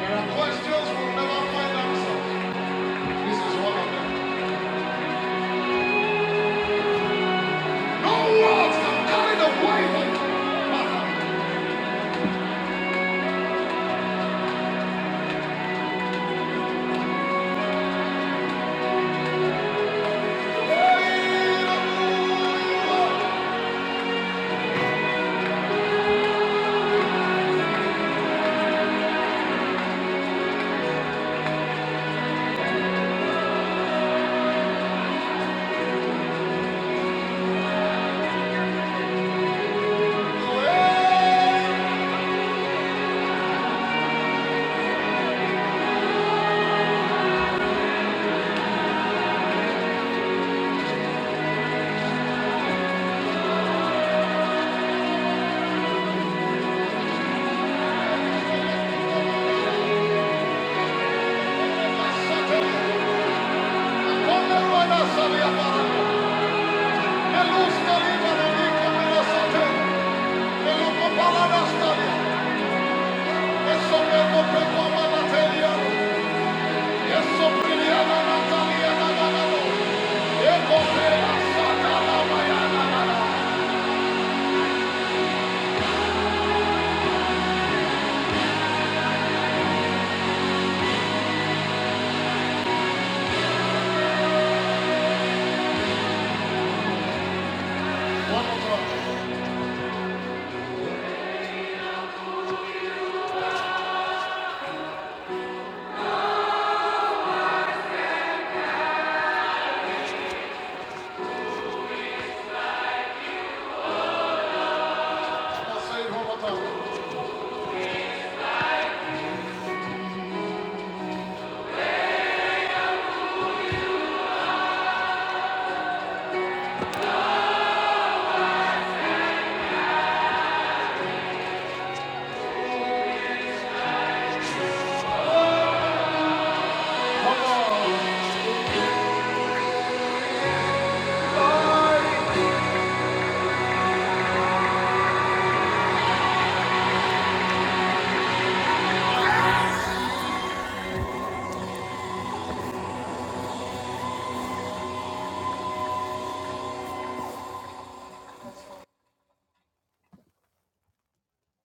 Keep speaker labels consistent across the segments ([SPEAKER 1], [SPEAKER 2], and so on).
[SPEAKER 1] Questions will never find answers. This is one of them. No words can carry the weight of Thank you.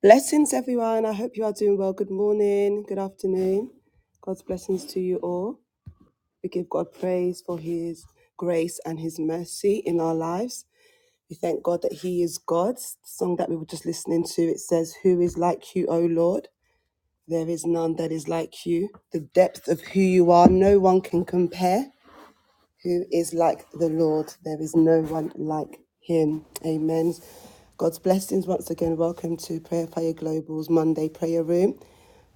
[SPEAKER 1] Blessings, everyone. I hope you are doing well. Good morning, good afternoon. God's blessings to you all. We give God praise for His grace and His mercy in our lives. We thank God that He is God. The song that we were just listening to it says, "Who is like you, O Lord?" There is none that is like you. The depth of who you are, no one can compare. Who is like the Lord? There is no one like him. Amen. God's blessings once again. Welcome to Prayer Fire Global's Monday prayer room.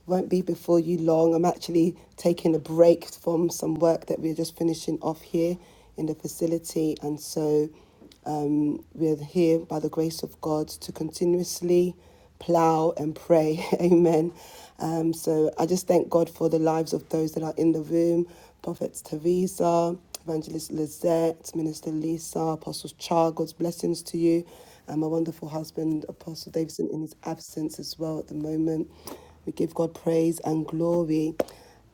[SPEAKER 1] Won't be before you long. I'm actually taking a break from some work that we're just finishing off here in the facility. And so we're here by the grace of God to continuously plow and pray. Amen. Um, so I just thank God for the lives of those that are in the room Prophets Teresa, Evangelist Lizette, Minister Lisa, Apostle Char. God's blessings to you. And my wonderful husband, Apostle Davidson, in his absence as well at the moment. We give God praise and glory.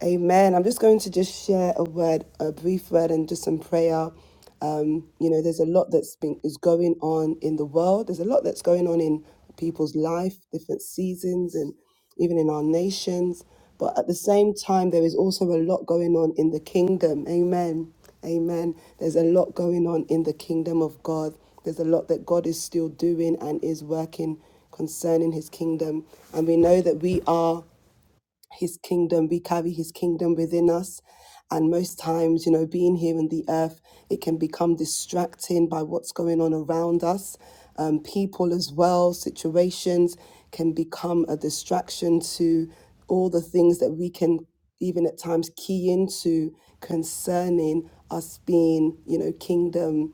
[SPEAKER 1] Amen. I'm just going to just share a word, a brief word, and just some prayer um, you know, there's a lot that's been is going on in the world. There's a lot that's going on in people's life, different seasons, and even in our nations. But at the same time, there is also a lot going on in the kingdom. Amen. Amen. There's a lot going on in the kingdom of God. There's a lot that God is still doing and is working concerning his kingdom. And we know that we are his kingdom, we carry his kingdom within us. And most times, you know, being here in the earth, it can become distracting by what's going on around us. Um, people as well, situations can become a distraction to all the things that we can even at times key into concerning us being, you know, kingdom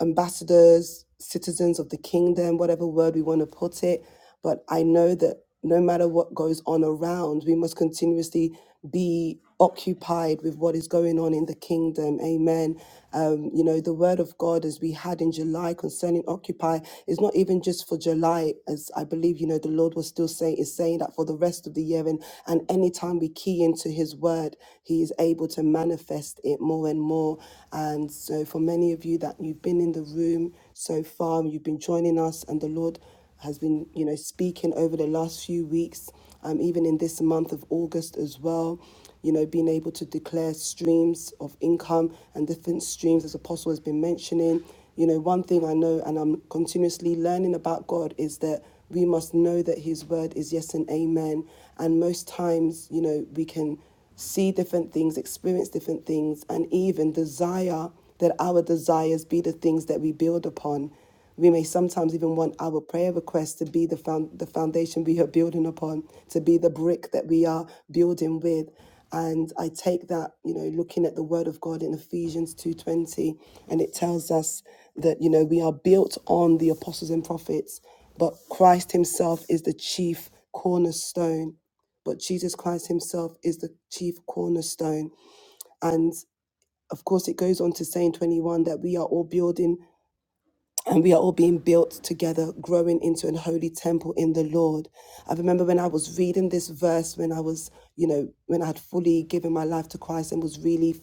[SPEAKER 1] ambassadors, citizens of the kingdom, whatever word we want to put it. But I know that no matter what goes on around, we must continuously be occupied with what is going on in the kingdom. Amen. Um, you know, the word of God, as we had in July concerning Occupy, is not even just for July, as I believe, you know, the Lord was still saying, is saying that for the rest of the year. And, and anytime we key into his word, he is able to manifest it more and more before. And so, for many of you that you've been in the room so far, you've been joining us, and the Lord has been, you know, speaking over the last few weeks, um, even in this month of August as well. You know, being able to declare streams of income and different streams, as Apostle has been mentioning. You know, one thing I know and I'm continuously learning about God is that we must know that His word is yes and amen. And most times, you know, we can see different things, experience different things, and even desire that our desires be the things that we build upon. We may sometimes even want our prayer requests to be the, found, the foundation we are building upon, to be the brick that we are building with. And I take that, you know, looking at the word of God in Ephesians 2.20, and it tells us that, you know, we are built on the apostles and prophets, but Christ himself is the chief cornerstone but Jesus Christ himself is the chief cornerstone. And of course, it goes on to say in 21 that we are all building and we are all being built together, growing into an holy temple in the Lord. I remember when I was reading this verse, when I was, you know, when I had fully given my life to Christ and was really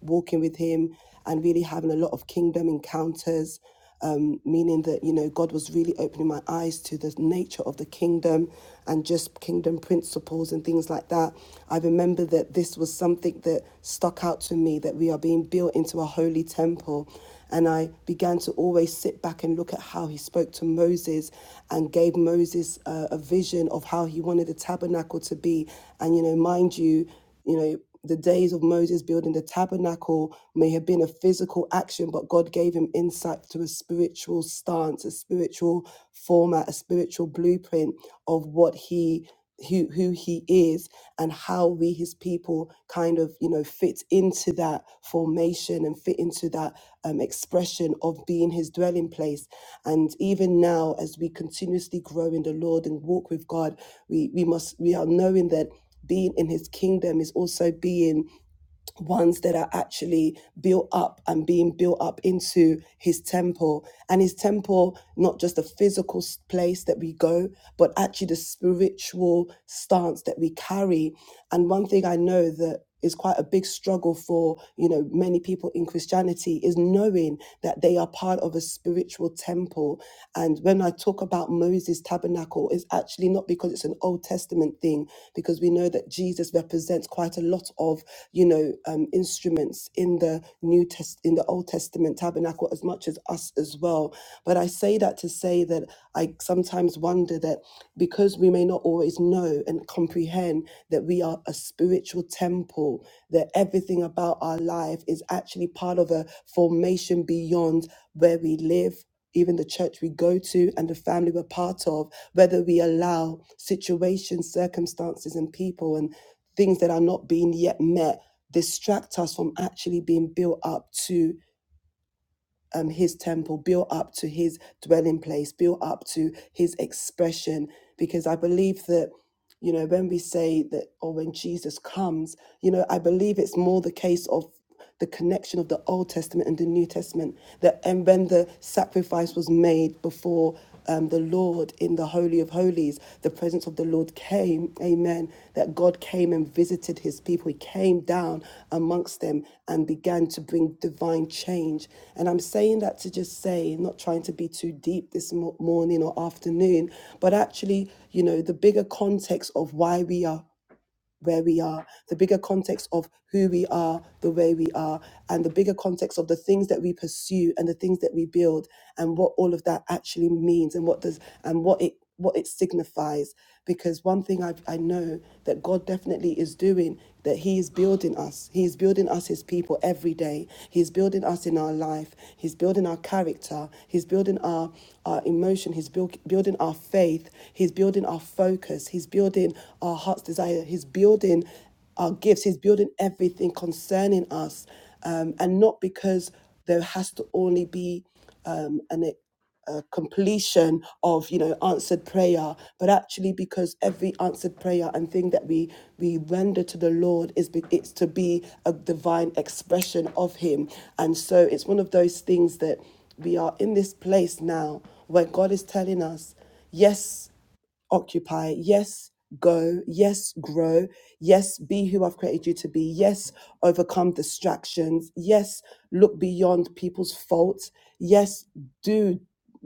[SPEAKER 1] walking with Him and really having a lot of kingdom encounters, um, meaning that, you know, God was really opening my eyes to the nature of the kingdom and just kingdom principles and things like that. I remember that this was something that stuck out to me that we are being built into a holy temple. And I began to always sit back and look at how he spoke to Moses and gave Moses uh, a vision of how he wanted the tabernacle to be. And, you know, mind you, you know, the days of Moses building the tabernacle may have been a physical action, but God gave him insight to a spiritual stance, a spiritual format, a spiritual blueprint of what he who who he is and how we his people kind of you know fit into that formation and fit into that um, expression of being his dwelling place and even now as we continuously grow in the lord and walk with god we we must we are knowing that being in his kingdom is also being ones that are actually built up and being built up into his temple and his temple not just the physical s- place that we go but actually the spiritual stance that we carry and one thing i know that is quite a big struggle for you know many people in christianity is knowing that they are part of a spiritual temple temple. And when I talk about Moses' tabernacle, it's actually not because it's an Old Testament thing, because we know that Jesus represents quite a lot of, you know, um, instruments in the New Test in the Old Testament tabernacle as much as us as well. But I say that to say that I sometimes wonder that because we may not always know and comprehend that we are a spiritual temple, that everything about our life is actually part of a formation beyond where we live even the church we go to and the family we're part of, whether we allow situations, circumstances, and people and things that are not being yet met distract us from actually being built up to um, his temple, built up to his dwelling place, built up to his expression. Because I believe that, you know, when we say that, or when Jesus comes, you know, I believe it's more the case of the connection of the Old Testament and the New Testament. That and when the sacrifice was made before um, the Lord in the Holy of Holies. The presence of the Lord came, amen, that God came and visited his people. He came down amongst them and began to bring divine change. And I'm saying that to just say, not trying to be too deep this mo- morning or afternoon, but actually, you know, the bigger context of why we are where we are, the bigger context of who we are, the way we are, and the bigger context of the things that we pursue and the things that we build, and what all of that actually means, and what does and what it what it signifies. Because one thing I I know that God definitely is doing that He is building us. He is building us, His people, every day. He's building us in our life. He's building our character. He's building our our emotion. He's buil- building our faith. He's building our focus. He's building building our heart's desire. He's building our gifts. He's building everything concerning us. Um, and not because there has to only be um, an, a completion of you know answered prayer but actually because every answered prayer and thing that we we render to the lord is be, it's to be a divine expression of him and so it's one of those things that we are in this place now where god is telling us yes occupy. Yes, go. Yes, grow. Yes, be who I've created you to be. Yes, overcome distractions. Yes, look beyond people's faults. Yes, do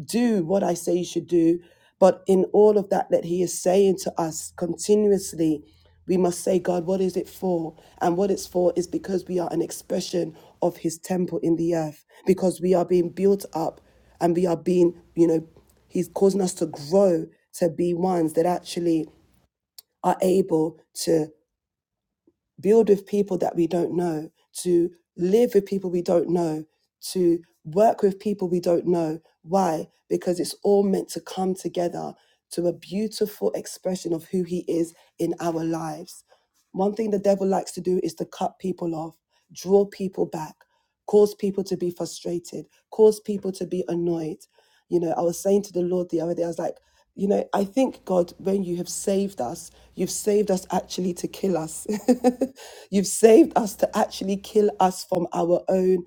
[SPEAKER 1] do what I say you should do. But in all of that that he is saying to us continuously, we must say, God, what is it for? And what it's for is because we are an expression of his temple in the earth, because we are being built up and we are being, you know, He's causing us to grow to be ones that actually are able to build with people that we don't know, to live with people we don't know, to work with people we don't know. Why? Because it's all meant to come together to a beautiful expression of who He is in our lives. One thing the devil likes to do is to cut people off, draw people back cause people to be frustrated, cause people to be annoyed. You know, I was saying to the Lord the other day, I was like, you know, I think God, when you have saved us, you've saved us actually to kill us. you've saved us to actually kill us from our own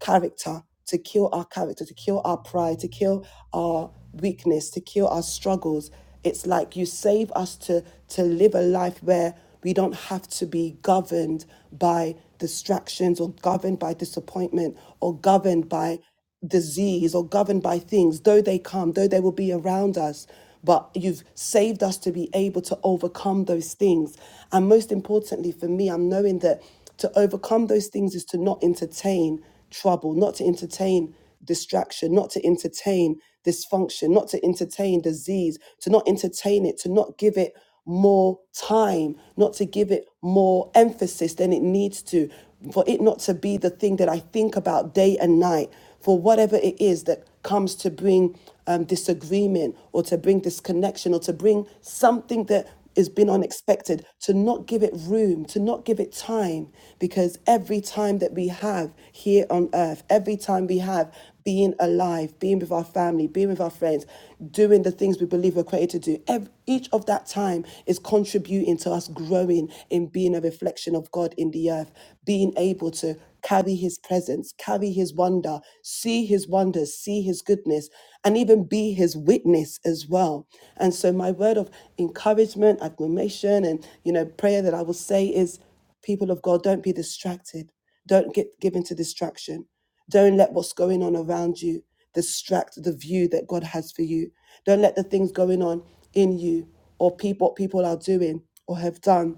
[SPEAKER 1] character, to kill our character, to kill our pride, to kill our weakness, to kill our struggles. It's like you save us to, to live a life where we don't have to be governed by distractions or governed by disappointment or governed by disease or governed by things, though they come, though they will be around us, but you've saved us to be able to overcome those things. And most importantly for me, I'm knowing that to overcome those things is to not entertain trouble, not to entertain distraction, not to entertain dysfunction, not to entertain disease, to not entertain it, to not give it more time, not to give it more emphasis than it needs to, for it not to be the thing that I think about day and night, for whatever it is that comes to bring um, disagreement or to bring disconnection or to bring something that has been unexpected, to not give it room, to not give it time, because every time that we have here on earth, every time we have being alive, being with our family, being with our friends, doing the things we believe we're created to do, ev- each of that time is contributing to us growing in being a reflection of God in the earth, being able to carry his presence, carry his wonder, see his wonders, see his goodness, and even be his witness as well. And so my word of encouragement, admiration, and you know, prayer that I will say is people of God, don't be distracted. Don't get given to distraction. Don't let what's going on around you distract the view that God has for you. Don't let the things going on in you or people what people are doing or have done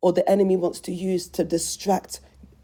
[SPEAKER 1] or the enemy wants to use to distract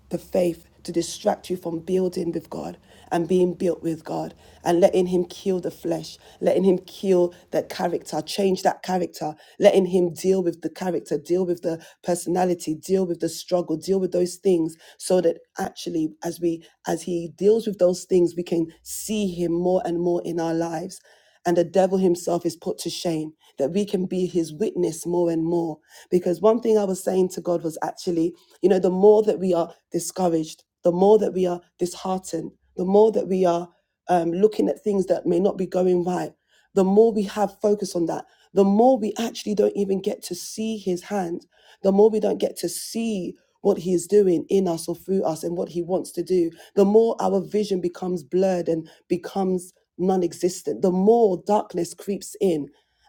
[SPEAKER 1] the faith, to distract you from building with God and being built with God and letting Him kill the flesh, letting Him kill that character, change that character, letting Him deal with the character, deal with the personality, deal with the struggle, deal with those things so that actually as we as He deals with those things, we can see Him more and more in our lives and the devil himself is put to shame, that we can be his witness more and more. Because one thing I was saying to God was actually, you know, the more that we are discouraged, the more that we are disheartened, the more that we are um, looking at things that may not be going right, the more we have focus on that, the more we actually don't even get to see his hand, the more we don't get to see what he is doing in us or through us and what he wants to do, the more our vision becomes blurred and becomes non existent, the more darkness creeps in.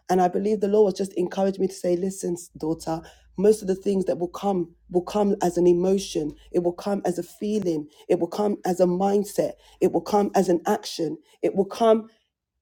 [SPEAKER 1] And I believe the Lord was just encouraged me to say, listen, daughter, most of the things that will come will come as an emotion. It will come as a feeling. It will come as a mindset. It will come as an action. It will come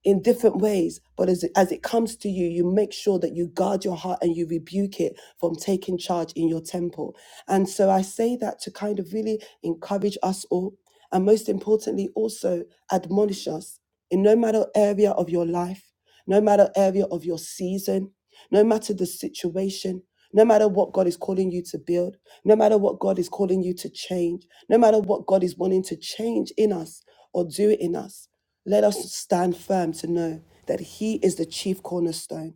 [SPEAKER 1] in different ways but as it, as it comes to you you make sure that you guard your heart and you rebuke it from taking charge in your temple and so i say that to kind of really encourage us all and most importantly also admonish us in no matter area of your life no matter area of your season no matter the situation no matter what God is calling you to build, no matter what God is calling you to change, no matter what God is wanting to change in us or do in us, let us stand firm to know that He is the chief cornerstone.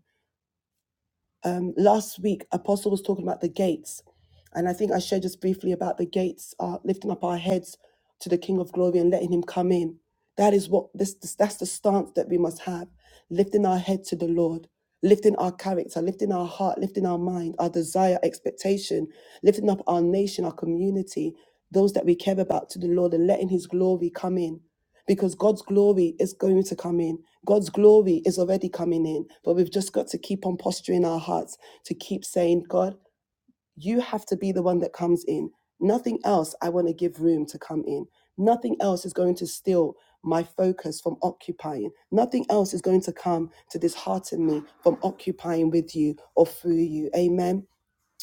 [SPEAKER 1] Um, last week, Apostle was talking about the gates, and I think I shared just briefly about the gates, uh, lifting up our heads to the King of Glory and letting Him come in. That is what this, this that's the stance that we must have, lifting our head to the Lord, lifting our character, lifting our heart, lifting our mind, our desire, expectation, lifting up our nation, our community, those that we care about to the Lord, and letting His glory come in because God's glory is going to come in. God's glory is already coming in, but we've just got to keep on posturing our hearts to keep saying, God, you have to be the one that comes in. Nothing else I want to give room to come in. Nothing else is going to steal my focus from occupying. Nothing else is going to come to dishearten me from occupying with you or through you. Amen.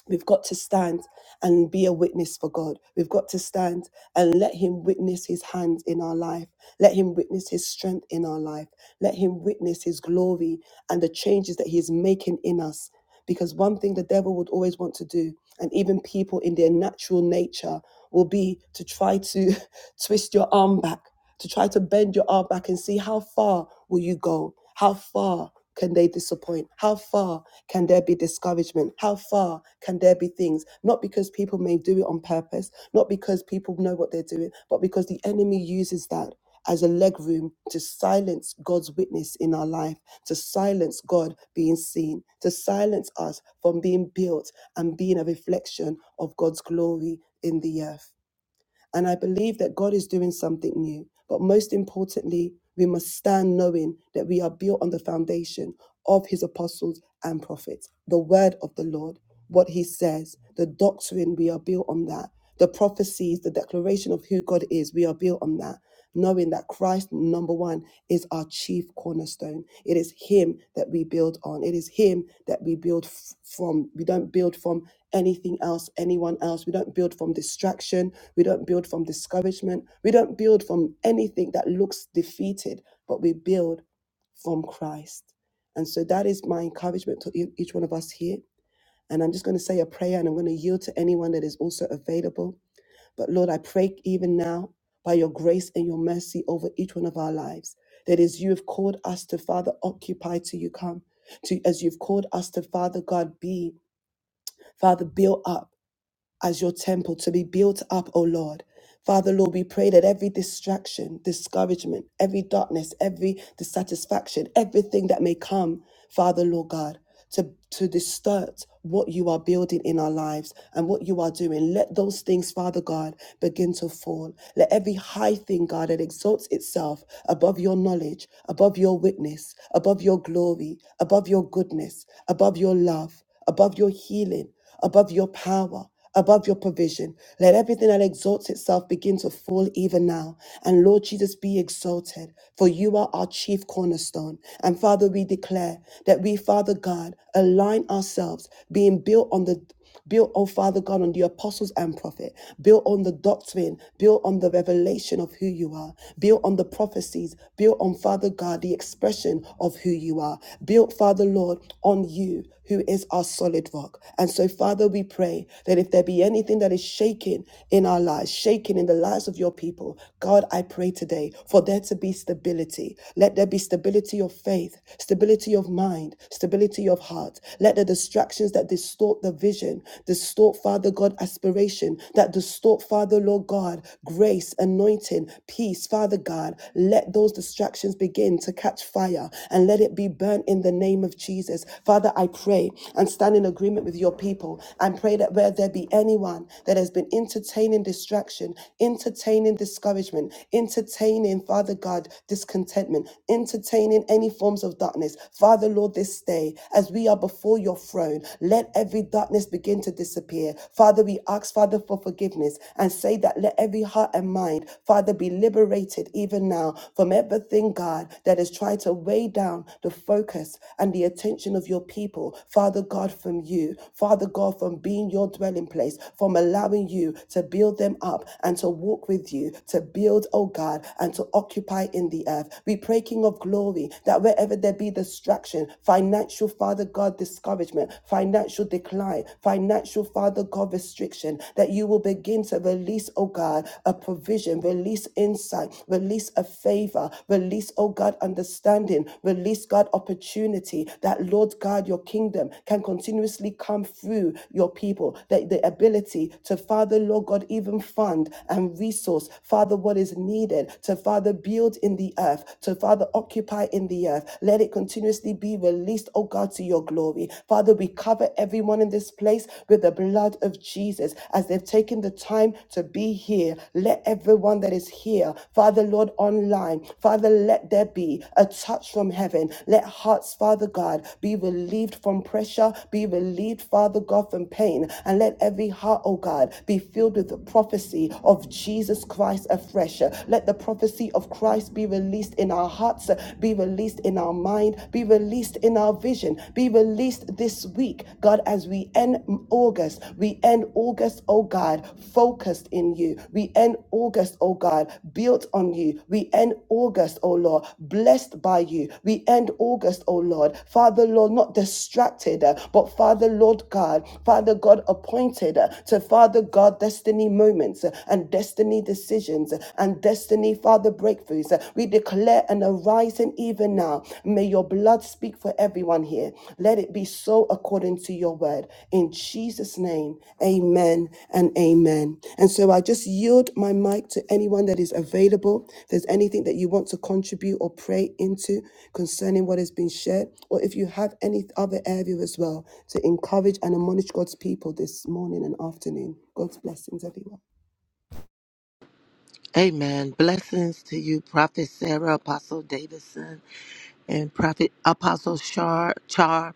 [SPEAKER 1] We've got to stand and be a witness for God. We've got to stand and let Him witness His hand in our life. Let Him witness His strength in our life. Let Him witness His glory and the changes that He is making in us. Because one thing the devil would always want to do, and even people in their natural nature, will be to try to twist your arm back to try to bend your arm back and see how far will you go how far can they disappoint how far can there be discouragement how far can there be things not because people may do it on purpose not because people know what they're doing but because the enemy uses that as a leg room to silence God's witness in our life, to silence God being seen, to silence us from being built and being a reflection of God's glory in the earth. And I believe that God is doing something new. But most importantly, we must stand knowing that we are built on the foundation of his apostles and prophets, the word of the Lord, what he says, the doctrine, we are built on that. The prophecies, the declaration of who God is, we are built on that knowing that Christ, number one, is our chief cornerstone. It is Him that we build on. It is Him that we build f- from. We don't build from anything else, anyone else. We don't build from distraction. We don't build from discouragement. We don't build from anything that looks defeated, but we build from Christ. And so that is my encouragement to e- each one of us here. And I'm just going to say a prayer and I'm going to yield to anyone that is also available but Lord, I pray even now by your grace and your mercy over each one of our lives that as you have called us to, Father, occupy till you come, to as you've called us to, Father God, be, Father, build up as your temple to be built up, O Lord. Father, Lord, we pray that every distraction, discouragement, every darkness, every dissatisfaction, everything that may come, Father, Lord God, to, to distort what you are building in our lives and what you are doing. Let those things, Father God, begin to fall. Let every high thing, God, that exalts itself above your knowledge, above your witness, above your glory, above your goodness, above your love, above your healing, above your power above your provision. Let everything that exalts itself begin to fall even now. And Lord Jesus, be exalted, for you are our chief cornerstone. And Father, we declare that we, Father God, align ourselves, being built on the Built, oh Father God, on the apostles and prophet. Built on the doctrine. Built on the revelation of who you are. Built on the prophecies. Built on, Father God, the expression of who you are. Built, Father Lord, on you you who is our solid rock. And so, Father, we pray that if there be anything that is shaken in our lives, shaken in the lives of your people, God, I pray today for there to be stability. Let there be stability of faith, stability of mind, stability of heart. Let the distractions that distort the vision, distort, Father God, aspiration, that distort, Father, Lord God, grace, anointing, peace, Father God, let those distractions begin to catch catch fire and let it be burnt in the name of Jesus. Father, I pray and stand in agreement with your people and pray that where there be anyone that has been entertaining distraction, entertaining discouragement, entertaining, Father God, discontentment, entertaining any forms of darkness, Father, Lord, this day, as we are before your throne, let every darkness begin to disappear. Father, we ask, Father, for forgiveness and say that let every heart and mind, Father, be be liberated even now from everything, God, that has tried to weigh down the focus and the attention of your people, Father God, from you, Father God, from being your dwelling place, from allowing you to build them up and to walk with you, to build, oh God, and to occupy in the earth. We pray, King of glory, that wherever there be distraction, financial, Father God, discouragement, financial decline, financial, Father God, restriction, that that you will begin to release, oh God, a provision, release insight, release a favor, release, oh God, understanding, release, God, opportunity that, Lord God, your kingdom can continuously come through your people, that the ability to, Father, Lord God, even fund and resource, Father, what is needed to, Father, build in the earth, to, Father, occupy in the earth. Let it continuously be released, oh God, to your glory. Father, we cover cover everyone in this place with the blood of Jesus as they've taken the time to be here. Let everyone that is here, Father Lord, online, Father, let there be a touch from heaven. Let hearts, Father God, be relieved from pressure, be relieved, Father God, from pain, and let every heart, oh God, be filled with the prophecy of Jesus Christ afresh. Let the prophecy of Christ be released in our hearts, be released in our minds mind, be released in our vision, be released this week, God, as we end August. We end August, oh God, focused in you. We end August, oh God, built on you. We end August, oh Lord, blessed by you. We end August, oh Lord, Father, Lord, not distracted, uh, but Father, Lord God, Father God, appointed uh, to Father God, destiny moments uh, and destiny decisions uh, and destiny, Father your breakthroughs. We declare an arising even now. May your blood speak for everyone here. Let it be so according to your word. In Jesus' name, amen and amen. And so I just yield my mic to anyone that is available. If there's anything that you want to contribute or pray into concerning what has been shared, or if you have any other area as well to encourage and admonish God's people this morning and afternoon. God's blessings, everyone.
[SPEAKER 2] Amen. Blessings to you, Prophet Sarah, Apostle Davidson, and Prophet Apostle Char, Char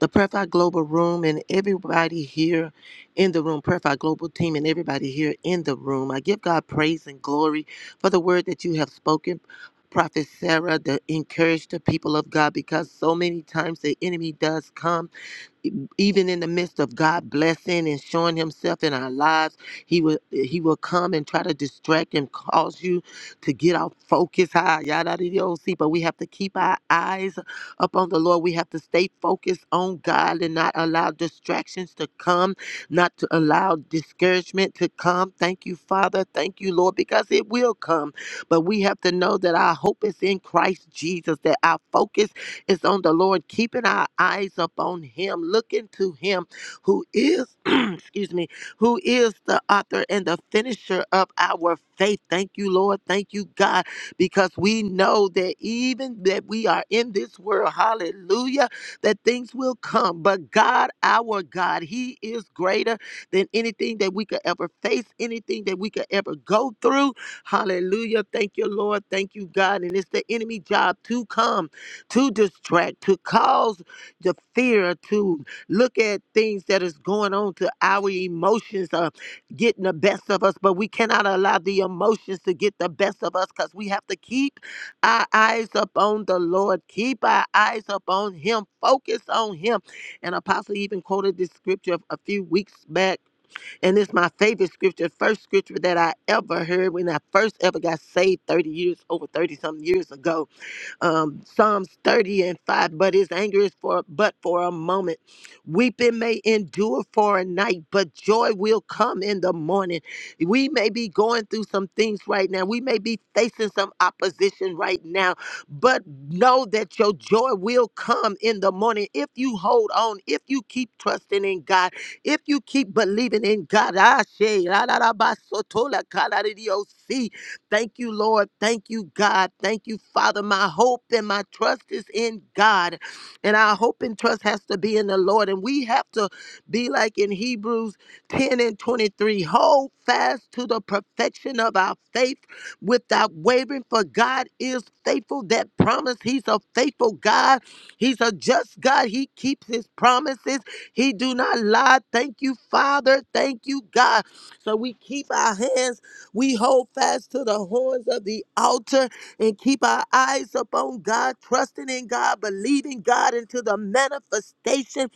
[SPEAKER 2] the Prayer Fire Global Room, and everybody here in the room, Prayer Fire Global Team, and everybody here in the room. I give God praise and glory for the word that you have spoken. Prophet Sarah, to encourage the people of God because so many times the enemy does come even in the midst of God blessing and showing himself in our lives, he will he will come and try to distract and cause you to get off focus high. Yada di yo, see, but we have to keep our eyes upon the Lord. We have to stay focused on God and not allow distractions to come, not to allow discouragement to come. Thank you, Father. Thank you, Lord, because it will come. But we have to know that our hope is in Christ Jesus, that our focus is on the Lord, keeping our eyes upon Him, looking to Him who is, excuse me, who is the author and the finisher of our faith. Thank you, Lord. Thank you, God, because we know that even that we are in this world, hallelujah, that things will come. But God, our God, He is greater than anything that we could ever face, anything that we could ever go through. Hallelujah. Thank you, Lord. Thank you, God. And it's the enemy job to come to distract, to cause the fear, to look at things that is going on, to our emotions are getting the best of us, but we cannot allow the emotions to get the best of us because we have to keep our eyes up on the Lord, keep our eyes up on Him, focus on Him. And Apostle even quoted this scripture a few weeks back, and it's my favorite scripture, first scripture that I ever heard when I first ever got saved 30 years, over 30 something years ago um, Psalms 30 and 5, but his anger is for but for a moment. Weeping may endure for a night, but joy will come in the morning. We may be going through some things right now. We may be facing some opposition right now, but know that your joy will come in the morning if you hold on, if you keep trusting in God, if you keep believing in God. Ah, she, la, la, la, ba, so, to, la, ka, la, di, di, oh, see. Thank you, Lord. Thank you, God. Thank you, Father. My hope and my trust is in God. And our hope and trust has to be in the Lord. And we have to be like in Hebrews 10 and 23 hold fast to the perfection of our faith without wavering, for God is faithful. That promise, He's a faithful God. He's a just God. He keeps His promises. He do not lie. Thank you, Father. Thank you, God. So we keep our hands we hold fast to the horns of the altar and keep our eyes upon God, trusting in God, believing God into the manifestation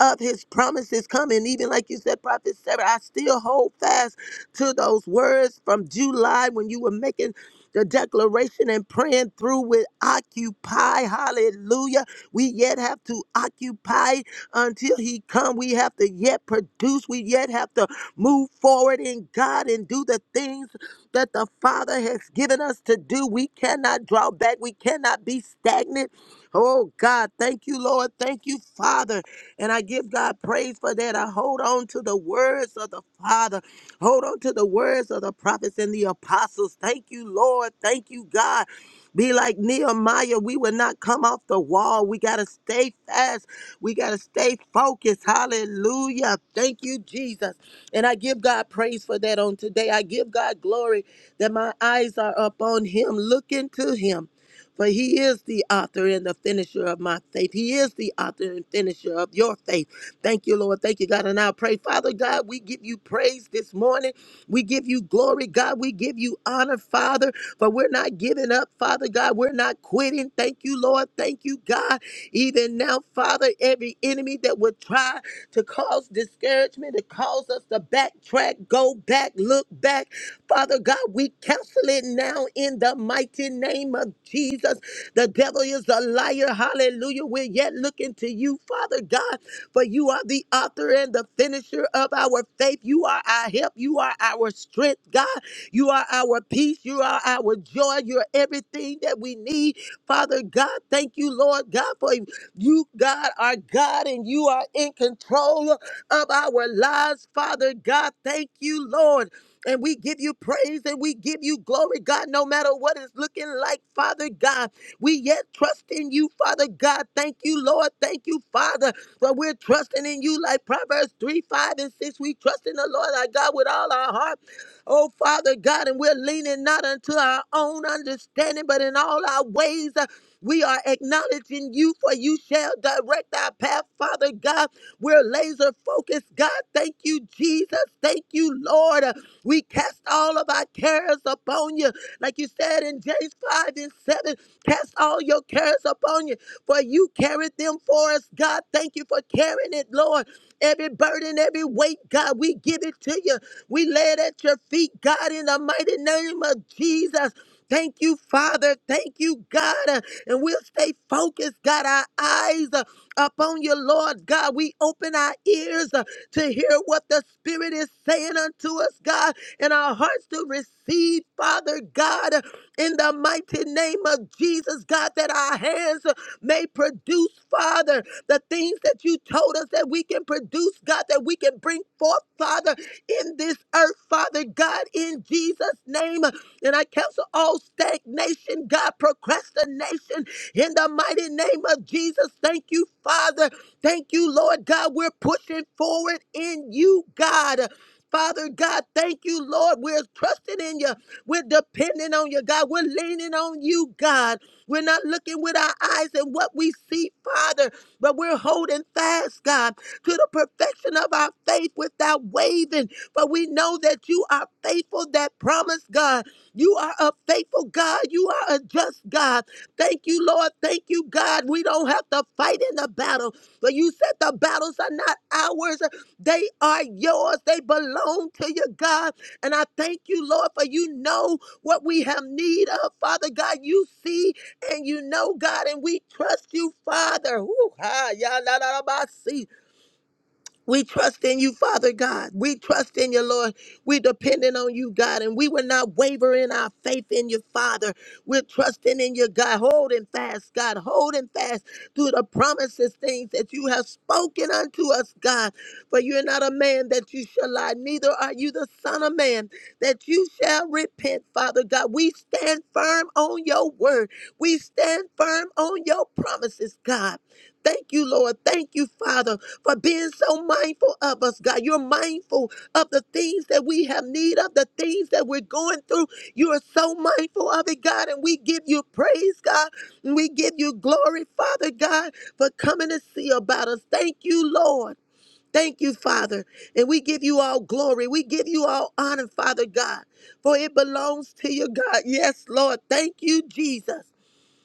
[SPEAKER 2] of his promises coming. Even like you said, Prophet Sarah, I still hold fast to those words from July when you were making the declaration and praying through with occupy. Hallelujah. We yet have to occupy until he come. We have to yet produce. We yet have to move forward in God and do the things that the Father has given us to do. We cannot draw back, we cannot be stagnant. Oh God, thank you, Lord. Thank you, Father. And I give God praise for that. I hold on to the words of the Father. Hold on to the words of the prophets and the apostles. Thank you, Lord. Thank you, God. Be like Nehemiah. We will not come off the wall. We got to stay fast. We got to stay focused. Hallelujah. Thank you, Jesus. And I give God praise for that on today. I give God glory that my eyes are upon Him, looking to Him. For he is the author and the finisher of my faith. He is the author and finisher of your faith. Thank you, Lord. Thank you, God. And I pray, Father God, we give you praise this morning. We give you glory, God. We give you honor, Father. But we're not giving up, Father God. We're not quitting. Thank you, Lord. Thank you, God. Even now, Father, every enemy that would try to cause discouragement, to cause us to backtrack, go back, look back. Father God, we cancel it now in the mighty name of Jesus. The devil is a liar. Hallelujah. We're yet looking to you, Father God, for you are the author and the finisher of our faith. You are our help. You are our strength, God. You are our peace. You are our joy. You're everything that we need. Father God, thank you, Lord God, for you, God, are God and you are in control of our lives, Father God. Thank you, Lord. And we give you praise and we give you glory, God, no matter what it's looking like, Father God. We yet trust in you, Father God. Thank you, Lord. Thank you, Father. For we're trusting in you like Proverbs 3, 5, and 6. We trust in the Lord our God with all our heart. Oh, Father God, and we're leaning not unto our own understanding, but in all our ways. We are acknowledging you, for you shall direct our path, Father God. We're laser focused, God. Thank you, Jesus. Thank you, Lord. We cast all of our cares upon you. Like you said in James 5 and 7, cast all your cares upon you, for you carried them for us, God. Thank you for carrying it, Lord. Every burden, every weight, God, we give it to you. We lay it at your feet, God, in the mighty name of Jesus. Thank you, Father. Thank you, God and we'll stay focused, God. Our eyes uh, upon you, Lord God. We open our ears uh, to hear what the Spirit is saying unto us, God, and our hearts to receive, Father God, uh, in the mighty name of Jesus, God, that our hands uh, may produce, Father, the things that you told us that we can produce, God, that we can bring forth, Father, in this earth, Father God, in Jesus' name. And I cancel all stagnation, God, procrastination in the mighty name of Jesus. Thank you, Father. Thank you, Lord God. We're pushing forward in you, God. Father God, thank you, Lord. We're trusting in you. We're depending on you, God. We're leaning on you, God. We're not looking with our eyes at what we see, Father, but we're holding fast, God, to the perfection of our faith without wavering. For we know that you are faithful, that promise, God. You are a faithful God. You are a just God. Thank you, Lord. Thank you, God. We don't have to fight in the battle, but you said the battles are not ours. They are yours. They belong to you, God. And I thank you, Lord, for you know what we have need of. Father God, you see and you know, God, and we trust you, Father. Woo, ha, ya, la, la, la, ba, see. We trust in you, Father God. We trust in you, Lord. We depending on you, God, and we will not waver in our faith in you, Father. We're trusting in you, God, holding fast, God, holding fast to the promises, things that you have spoken unto us, God. For you're not a man that you shall lie, neither are you the son of man that you shall repent, Father God. We stand firm on your word. We stand firm on your promises, God. Thank you, Lord. Thank you, Father for being so mindful of us, God. You're mindful of the things that we have need of, the things that we're going through. You are so mindful of it, God, and we give you praise, God. And we give you glory, Father God, for coming to see about us. Thank you, Lord. Thank you, Father. And we give you all glory. We give you all honor, Father God, for it belongs to you, God. Yes, Lord. Thank you, Jesus.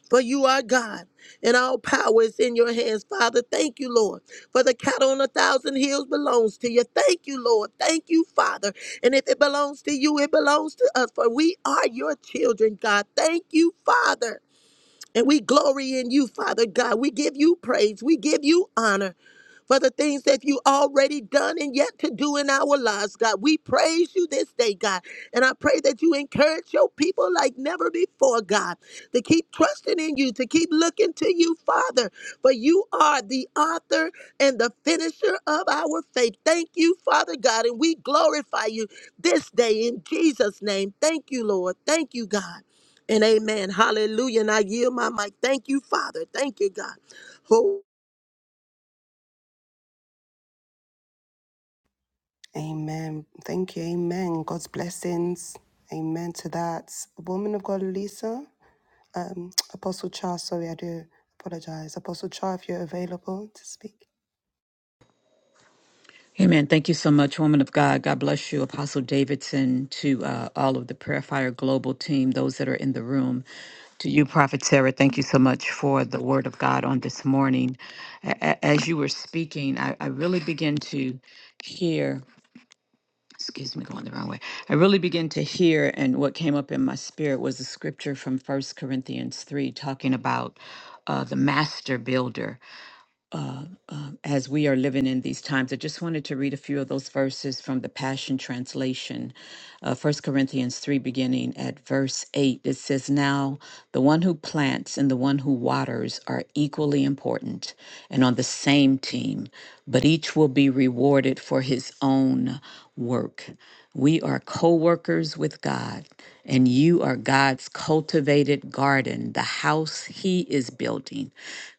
[SPEAKER 2] For you are God, and all power is in your hands, Father. Thank you, Lord. For the cattle on a thousand hills belongs to you. Thank you, Lord. Thank you, Father. And if it belongs to you, it belongs to us, for we are your children, God. Thank you, Father. And we glory in you, Father God. We give you praise. We give you honor for the things that you already done and yet to do in our lives, God. We praise you this day, God. And I pray that you encourage your people like never before, God, to keep trusting in you, to keep looking to you, Father, for you are the author and the finisher of our faith. Thank you, Father God, and we glorify you this day in Jesus' name. Thank you, Lord. Thank you, God. And amen. Hallelujah. And I yield my mic. Thank you, Father. Thank you, God. Oh.
[SPEAKER 1] Amen. Thank you. Amen. God's blessings. Amen to that. Woman of God, Lisa, um, Apostle Char, sorry, I do apologize. Apostle Char, if you're available to speak.
[SPEAKER 3] Amen. Thank you so much, woman of God. God bless you, Apostle Davidson, to uh, all of the Prayer Fire Global team, those that are in the room. To you, Prophet Sarah, thank you so much for the word of God on this morning. A- a- As you were speaking, I, I really begin to hear, excuse me, going the wrong way. I really begin to hear, and what came up in my spirit was a scripture from First Corinthians 3 talking about uh, the master builder uh, um, as we are living in these times. I just wanted to read a few of those verses from the Passion Translation. Uh, 1 Corinthians 3, beginning at verse 8, it says, Now the one who plants and the one who waters are equally important and on the same team, but each will be rewarded for his own work. We are co workers with God, and you are God's cultivated garden, the house He is building.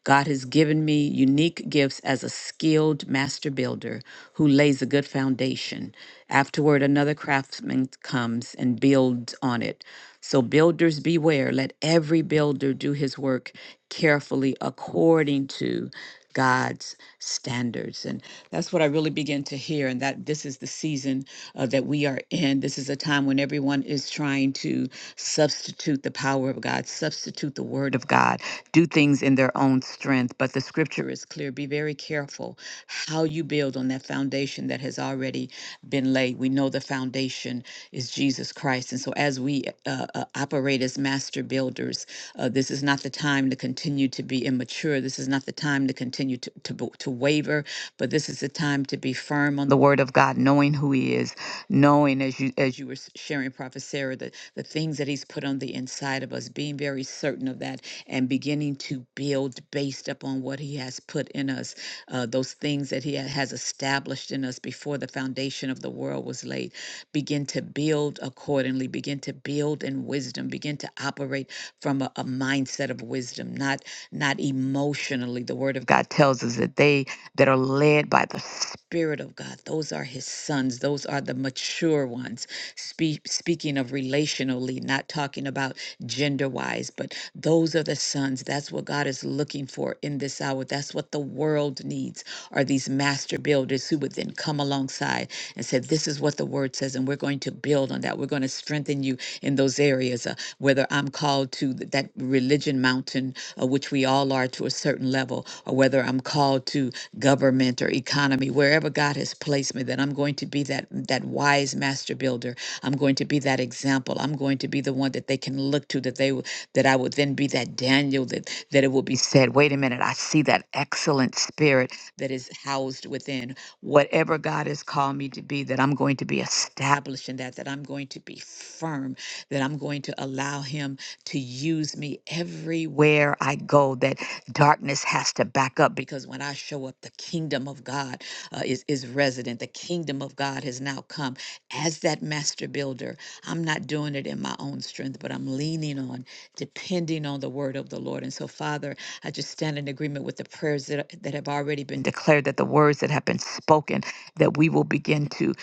[SPEAKER 3] God has given me unique gifts as a skilled master builder who lays a good foundation. Afterward, another craftsman comes and builds on it. So, builders beware, let every builder do his work carefully according to. God's standards. And that's what I really begin to hear. And that this is the season uh, that we are in. This is a time when everyone is trying to substitute the power of God, substitute the word of God, do things in their own strength. But the scripture is clear. Be very careful how you build on that foundation that has already been laid. We know the foundation is Jesus Christ. And so as we uh, uh, operate as master builders, uh, this is not the time to continue to be immature. This is not the time to continue to, to, bo- to waver, but this is the time to be firm on the word of God, knowing who he is, knowing as you as you were s- sharing, Prophet Sarah, the, the things that he's put on the inside of us, being very certain of that and beginning to build based upon what he has put in us, uh, those things that he ha- has established in us before the foundation of the world was laid. Begin to build accordingly, begin to build in wisdom, begin to operate from a, a mindset of wisdom, not not emotionally. The Word of God tells us that they that are led by the Spirit of God, those are His sons. Those are the mature ones. Spe- speaking of relationally, not talking about gender wise, but those are the sons. That's what God is looking for in this hour. That's what the world needs are these master builders who would then come alongside and say, This is what the word says, and we're going to build on that. We're going to strengthen you in those areas whether I'm called to th- that religion mountain, uh, which we all are to a certain level, or whether I'm called to government or economy, wherever God has placed me, that I'm going to be that that wise master builder. I'm going to be that example. I'm going to be the one that they can look to. That they w- that I would then be that Daniel. That that it will be said, wait a minute, I see that excellent spirit that is housed within whatever God has called me to be. That I'm going to be established in that. That I'm going to be firm that I'm going to allow him to use me everywhere I go, that darkness has to back up because when I show up, the kingdom of God uh, is, is resident. The kingdom of God has now come. As that master builder, I'm not doing it in my own strength, but I'm leaning on, depending on the word of the Lord. And so, Father, I just stand in agreement with the prayers that, that have already been declared, that the words that have been spoken, that we will begin to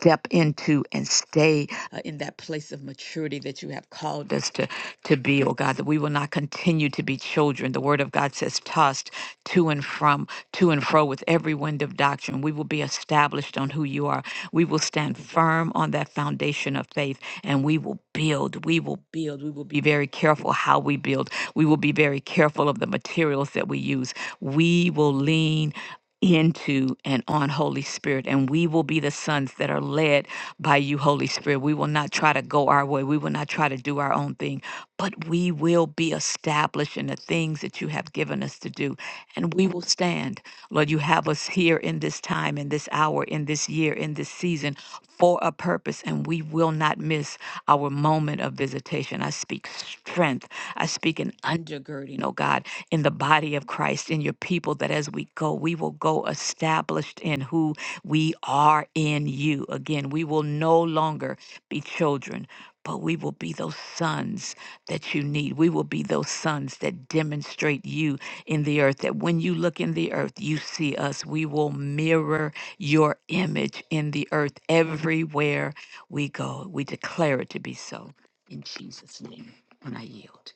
[SPEAKER 3] step into and stay uh, in that place of maturity that you have called us to, to be, oh God, that we will not continue to be children. The word of God says, tossed to and from, to and fro with every wind of doctrine. We will be established on who you are. We will stand firm on that foundation of faith and we will build. We will build. We will be very careful how we build. We will be very careful of the materials that we use. We will lean into and on Holy Spirit. And we will be the sons that are led by you, Holy Spirit. We will not try to go our way. We will not try to do our own thing, but we will be established in the things that you have given us to do. And we will stand. Lord, you have us here in this time, in this hour, in this year, in this season for a purpose. And we will not miss our moment of visitation. I speak strength. I speak an undergirding, oh God in the body of Christ, in your people, that as we go, we will go established in who we are in you. Again, we will no longer be children, but we will be those sons that you need. We will be those sons that demonstrate you in the earth, that when you look in the earth, you see us. We will mirror your image in the earth everywhere we go. We declare it to be so in Jesus' name. And I yield.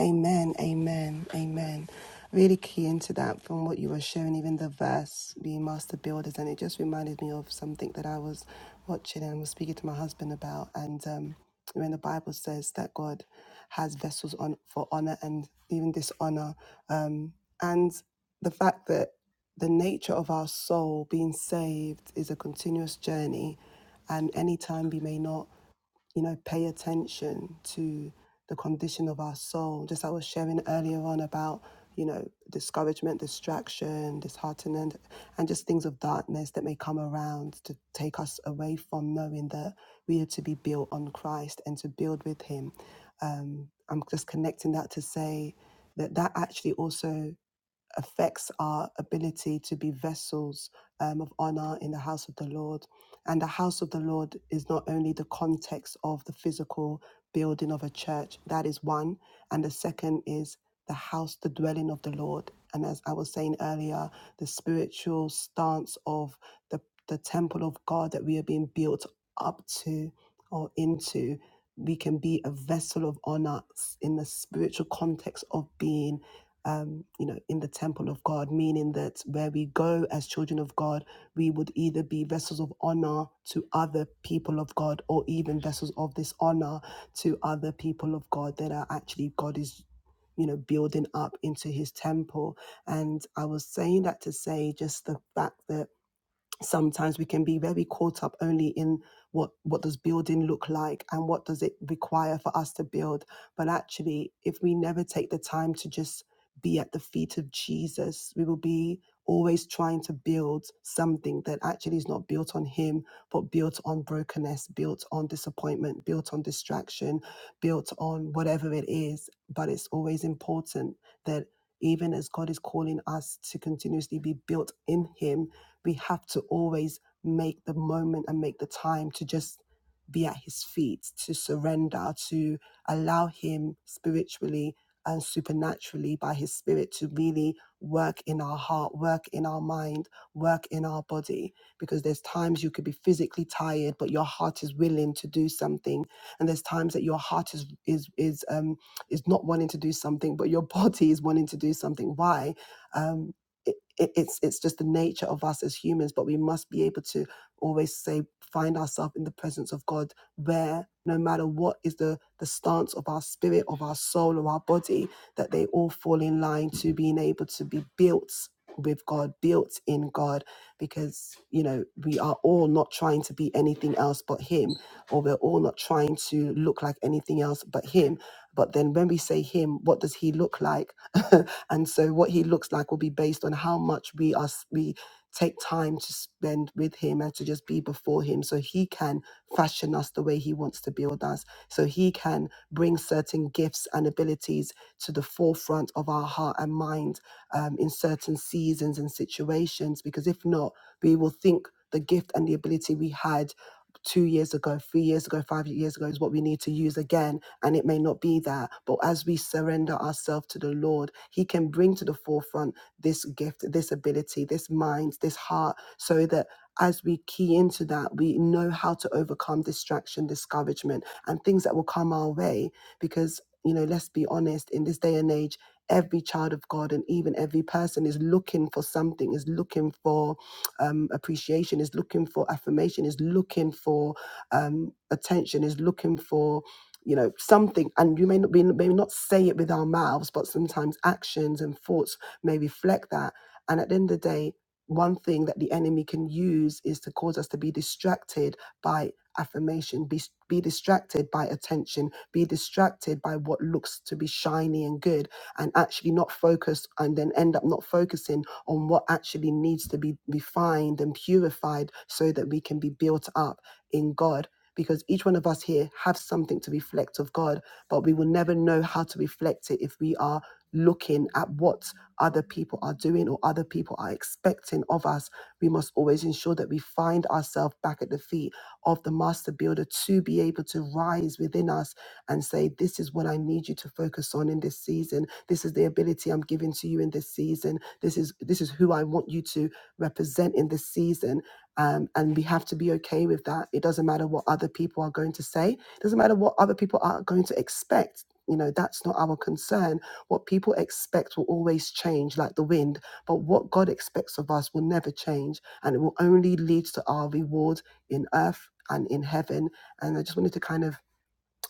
[SPEAKER 1] Amen, amen, amen. Really key into that from what you were sharing, even the verse, being master builders, and it just reminded me of something that I was watching and was speaking to my husband about. And um, when the Bible says that God has vessels on for honor and even dishonor, um, and the fact that the nature of our soul being saved is a continuous journey, and any time we may not you know, pay attention to the condition of our soul. Just like I was sharing earlier on about, you know, discouragement, distraction, disheartenment, and just things of darkness that may come around to take us away from knowing that we are to be built on Christ and to build with Him. Um, I'm just connecting that to say that that actually also affects our ability to be vessels um, of honor in the house of the Lord. And the house of the Lord is not only the context of the physical building of a church, that is one. And the second is the house, the dwelling of the Lord. And as I was saying earlier, the spiritual stance of the, the temple of God that we are being built up to or into, we can be a vessel of honor in the spiritual context of being um, you know, in the temple of God, meaning that where we go as children of God, we would either be vessels of honor to other people of God or even vessels of dishonor to other people of God that are actually God is, you know, building up into his temple. And I was saying that to say just the fact that sometimes we can be very caught up only in what what does building look like and what does it require for us to build but actually if we never take the time to just be at the feet of Jesus we will be always trying to build something that actually is not built on him but built on brokenness built on disappointment built on distraction built on whatever it is but it's always important that even as God is calling us to continuously be built in him we have to always make the moment and make the time to just be at his feet, to surrender, to allow him spiritually and supernaturally by his spirit to really work in our heart, work in our mind, work in our body. Because there's times you could be physically tired, but your heart is willing to do something. And there's times that your heart is is is um is not wanting to do something, but your body is wanting to do something. Why? Um, it, it, it's it's just the nature of us as humans but we must be able to always say find ourselves in the presence of god where no matter what is the the stance of our spirit of our soul or our body that they all fall in line to being able to be built with god built in god because you know we are all not trying to be anything else but him or we're all not trying to look like anything else but him but then when we say him, what does he look like? and so what he looks like will be based on how much we are we take time to spend with him and to just be before him so he can fashion us the way he wants to build us so he can bring certain gifts and abilities to the forefront of our heart and mind um, in certain seasons and situations because if not we will think the gift and the ability we had two years ago three years ago five years ago is what we need to use again and it may not be that. But as we surrender ourselves to the Lord, He can bring to the forefront this gift, this ability, this mind, this heart, so that as we key into that, we know how to overcome distraction, discouragement, and things that will come our way. Because, you know, let's be honest, in this day and age, every child of God and even every person is looking for something, is looking for um, appreciation, is looking for affirmation, is looking for um, attention, is looking for you know something and you may not be maybe not say it with our mouths but sometimes actions and thoughts may reflect that and at the end of the day one thing that the enemy can use is to cause us to be distracted by affirmation be, be distracted by attention be distracted by what looks to be shiny and good and actually not focus and then end up not focusing on what actually needs to be refined and purified so that we can be built up in God. Because each one of us here have something to reflect of God, but we will never know how to reflect it if we are looking at what other people are doing or other people are are expecting of us, we must always ensure that we find ourselves back at the feet of the master builder to be able to rise within us and say, This is what I need you to focus on in this season. This is the ability I'm giving to you in this season. This is this is who I want you to represent in this season. Um, and we have to be okay with that. It doesn't matter what other people are going to say. It doesn't matter what other people are going to expect. You know, that's not our concern. What people expect will always change like the wind but what God expects of us will never change, and it will only lead to our reward in earth and in heaven. And I just wanted to kind of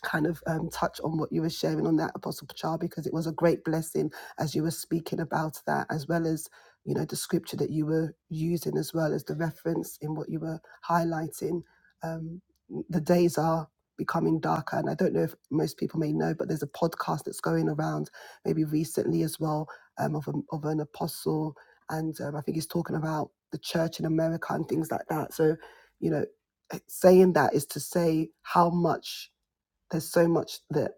[SPEAKER 1] kind of um, touch on what you were sharing on that apostle Pachar because it was a great blessing as you were speaking about that as well as you know the scripture that you were using as well as the reference in what you were highlighting um, the days are becoming darker and i don't know if most people may know but there's a podcast that's going around maybe recently as well um, of, a, of an apostle and um, i think he's talking about the church in america and things like that so you know saying that is to say how much there's so much that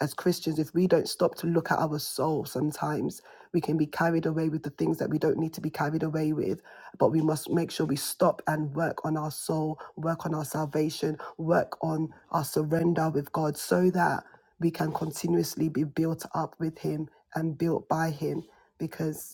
[SPEAKER 1] as Christians, if we don't stop to look at our soul sometimes, we can be carried away with the things that we don't need to be carried away with. But we must make sure we stop and work on our soul, work on our salvation, work on our surrender with God so that we can continuously be built up with Him and built by Him. Because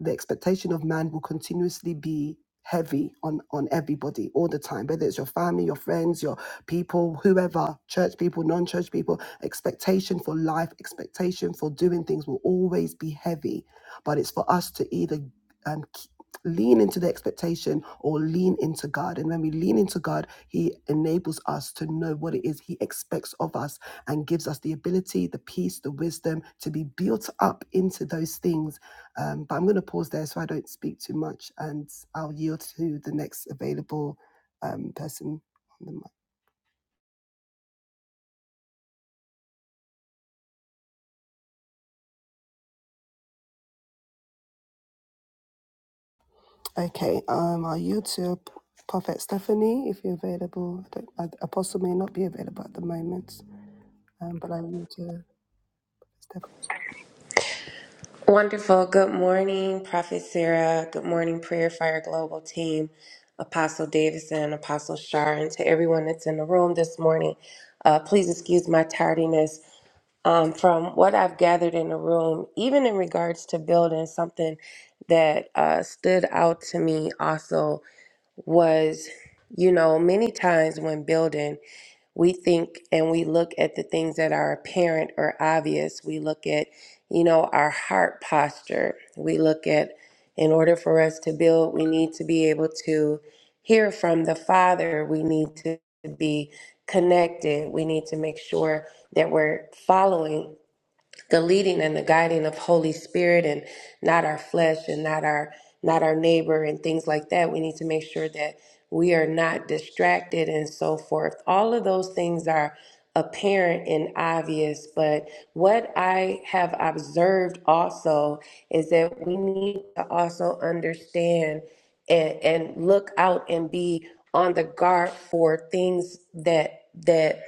[SPEAKER 1] the expectation of man will continuously be heavy on on everybody all the time whether it's your family your friends your people whoever church people non-church people expectation for life expectation for doing things will always be heavy but it's for us to either um, k- lean into the expectation or lean into god and when we lean into god he enables us to know what it is he expects of us and gives us the ability the peace the wisdom to be built up into those things um, but I'm going to pause there so I don't speak too much, and I'll yield to the next available um, person on the mic. Okay, um, I'll yield to P- Prophet Stephanie if you're available. I don't, uh, Apostle may not be available at the moment, um, but I will yield to Stephanie.
[SPEAKER 4] Wonderful. Good morning, Prophet Sarah. Good morning, Prayer Fire Global team, Apostle Davidson, Apostle Shar, and to everyone that's in the room this morning. Uh, please excuse my tardiness. Um, from what I've gathered in the room, even in regards to building, something that uh, stood out to me also was, you know, many times when building we think and we look at the things that are apparent or obvious. We look at, you know, our heart posture. We look at, in order for us to build, we need to be able to hear from the Father. We need to be connected. We need to make sure that we're following the leading and the guiding of Holy Spirit and not our flesh and not our not our neighbor and things like that. We need to make sure that we are not distracted and so forth. All of those things are apparent and obvious, but what I have observed also is that we need to also understand and, and look out and be on the guard for things that that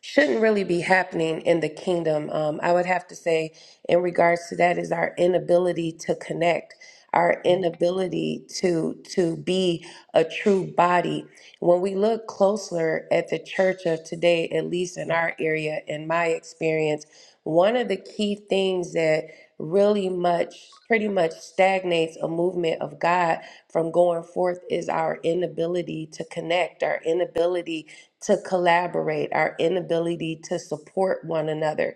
[SPEAKER 4] shouldn't really be happening in the kingdom. Um, I would have to say, in regards to that, is our inability to connect, our inability to to be a true body. When we look closer at the church of today, at least in our area, in my experience, one of the key things that really much, pretty much stagnates a movement of God from going forth is our inability to connect, our inability to collaborate, our inability to support one another.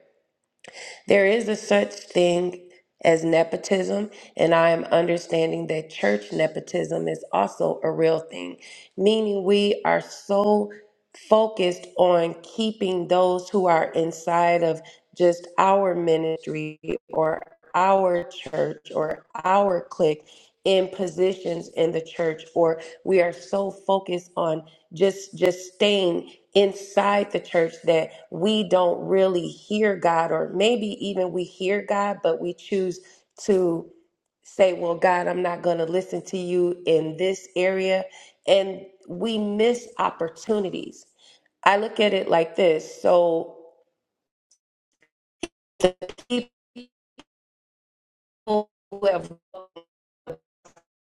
[SPEAKER 4] There is a such thing as nepotism, and I am understanding that church nepotism is also a real thing, meaning we are so focused on keeping those who are inside of just our ministry or our church or our clique in positions in the church or we are so focused on just just staying inside the church that we don't really hear God, or maybe even we hear God, but we choose to say, Well, God, I'm not going to listen to you in this area. And we miss opportunities. I look at it like this. So people who have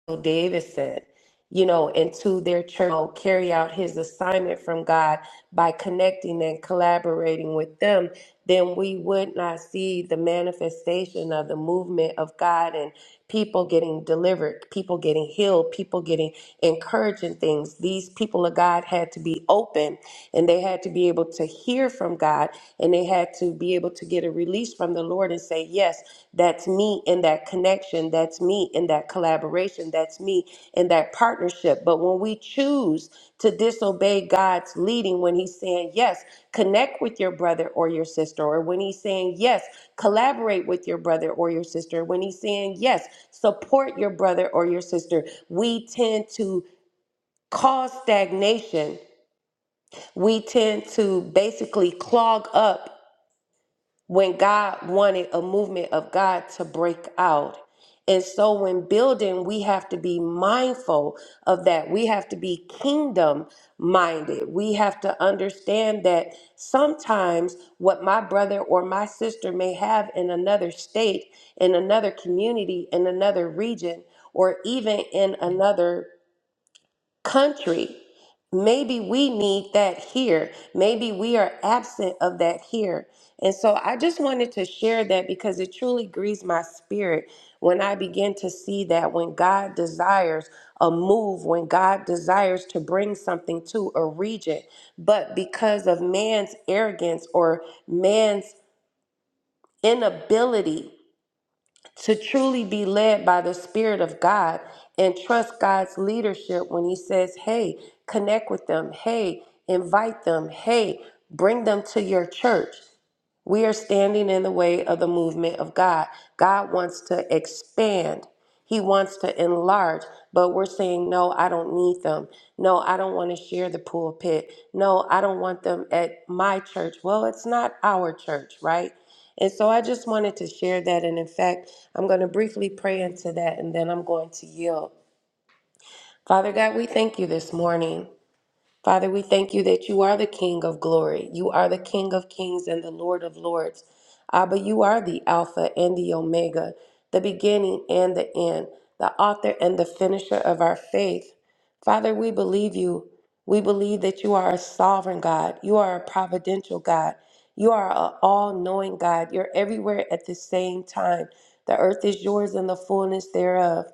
[SPEAKER 4] So David said, you know, into their church, I'll carry out his assignment from God by connecting and collaborating with them, then we would not see the manifestation of the movement of God and people getting delivered, people getting healed, people getting encouraging things. These people of God had to be open and they had to be able to hear from God and they had to be able to get a release from the Lord and say, Yes, that's me in that connection. That's me in that collaboration that's me in that partnership. But when we choose to disobey God's leading, when He's saying, yes, connect with your brother or your sister, or when He's saying, yes, collaborate with your brother or your sister, when He's saying, yes, support your brother or your sister, we tend to cause stagnation. We tend to basically clog up when God wanted a movement of God to break out. And so, when building, we have to be mindful of that. We have to be kingdom minded. We have to understand that sometimes what my brother or my sister may have in another state, in another community, in another region, or even in another country. Maybe we need that here. Maybe we are absent of that here. And so I just wanted to share that because it truly grieves my spirit when I begin to see that when God desires a move, when God desires to bring something to a region, but because of man's arrogance or man's inability to truly be led by the Spirit of God and trust God's leadership when He says, hey, connect with them, hey, invite them, hey, bring them to your church. We are standing in the way of the movement of God. God wants to expand. He wants to enlarge, but we're saying, no, I don't need them. No, I don't want to share the pulpit. No, I don't want them at my church. Well, it's not our church, right? And so I just wanted to share that. And in fact, I'm going to briefly pray into that and then I'm going to yield. Father God, we thank you this morning. Father, we thank you that you are the King of glory. You are the King of kings and the Lord of lords. Abba, you are the Alpha and the Omega, the beginning and the end, the author and the finisher of our faith. Father, we believe you. We believe that you are a sovereign God. You are a providential God. You are an all knowing God. You're everywhere at the same time. The earth is yours and the fullness thereof.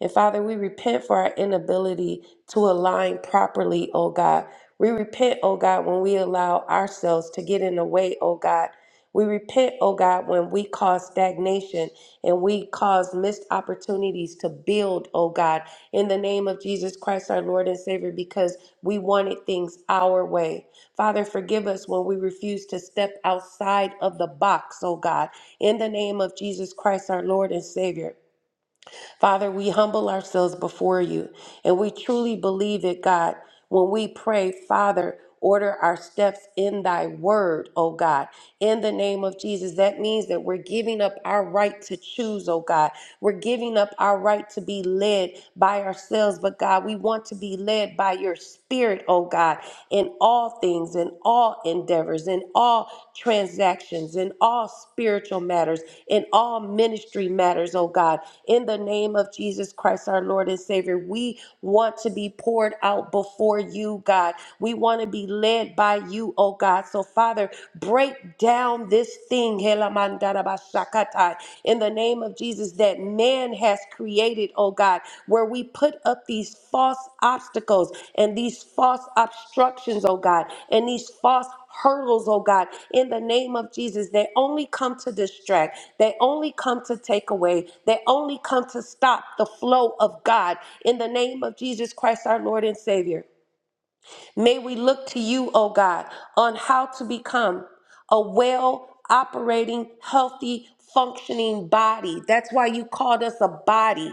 [SPEAKER 4] And Father, we repent for our inability to align properly, oh God. We repent, oh God, when we allow ourselves to get in the way, oh God. We repent, oh God, when we cause stagnation and we cause missed opportunities to build, oh God, in the name of Jesus Christ, our Lord and Savior, because we wanted things our way. Father, forgive us when we refuse to step outside of the box, oh God, in the name of Jesus Christ, our Lord and Savior. Father, we humble ourselves before you and we truly believe it, God. When we pray, Father, order our steps in thy word, O God in the name of Jesus. That means that we're giving up our right to choose, oh God. We're giving up our right to be led by ourselves, but God, we want to be led by your spirit, oh God, in all things, in all endeavors, in all transactions, in all spiritual matters, in all ministry matters, oh God. In the name of Jesus Christ, our Lord and Savior, we want to be poured out before you, God. We want to be led by you, oh God. So, Father, break down this thing, Helamandarabashakatai, in the name of Jesus, that man has created, oh God, where we put up these false obstacles and these false obstructions, oh God, and these false hurdles, oh God, in the name of Jesus. They only come to distract, they only come to take away, they only come to stop the flow of God in the name of Jesus Christ, our Lord and Savior. May we look to you, O God, on how to become a well operating, healthy, functioning body. That's why you called us a body.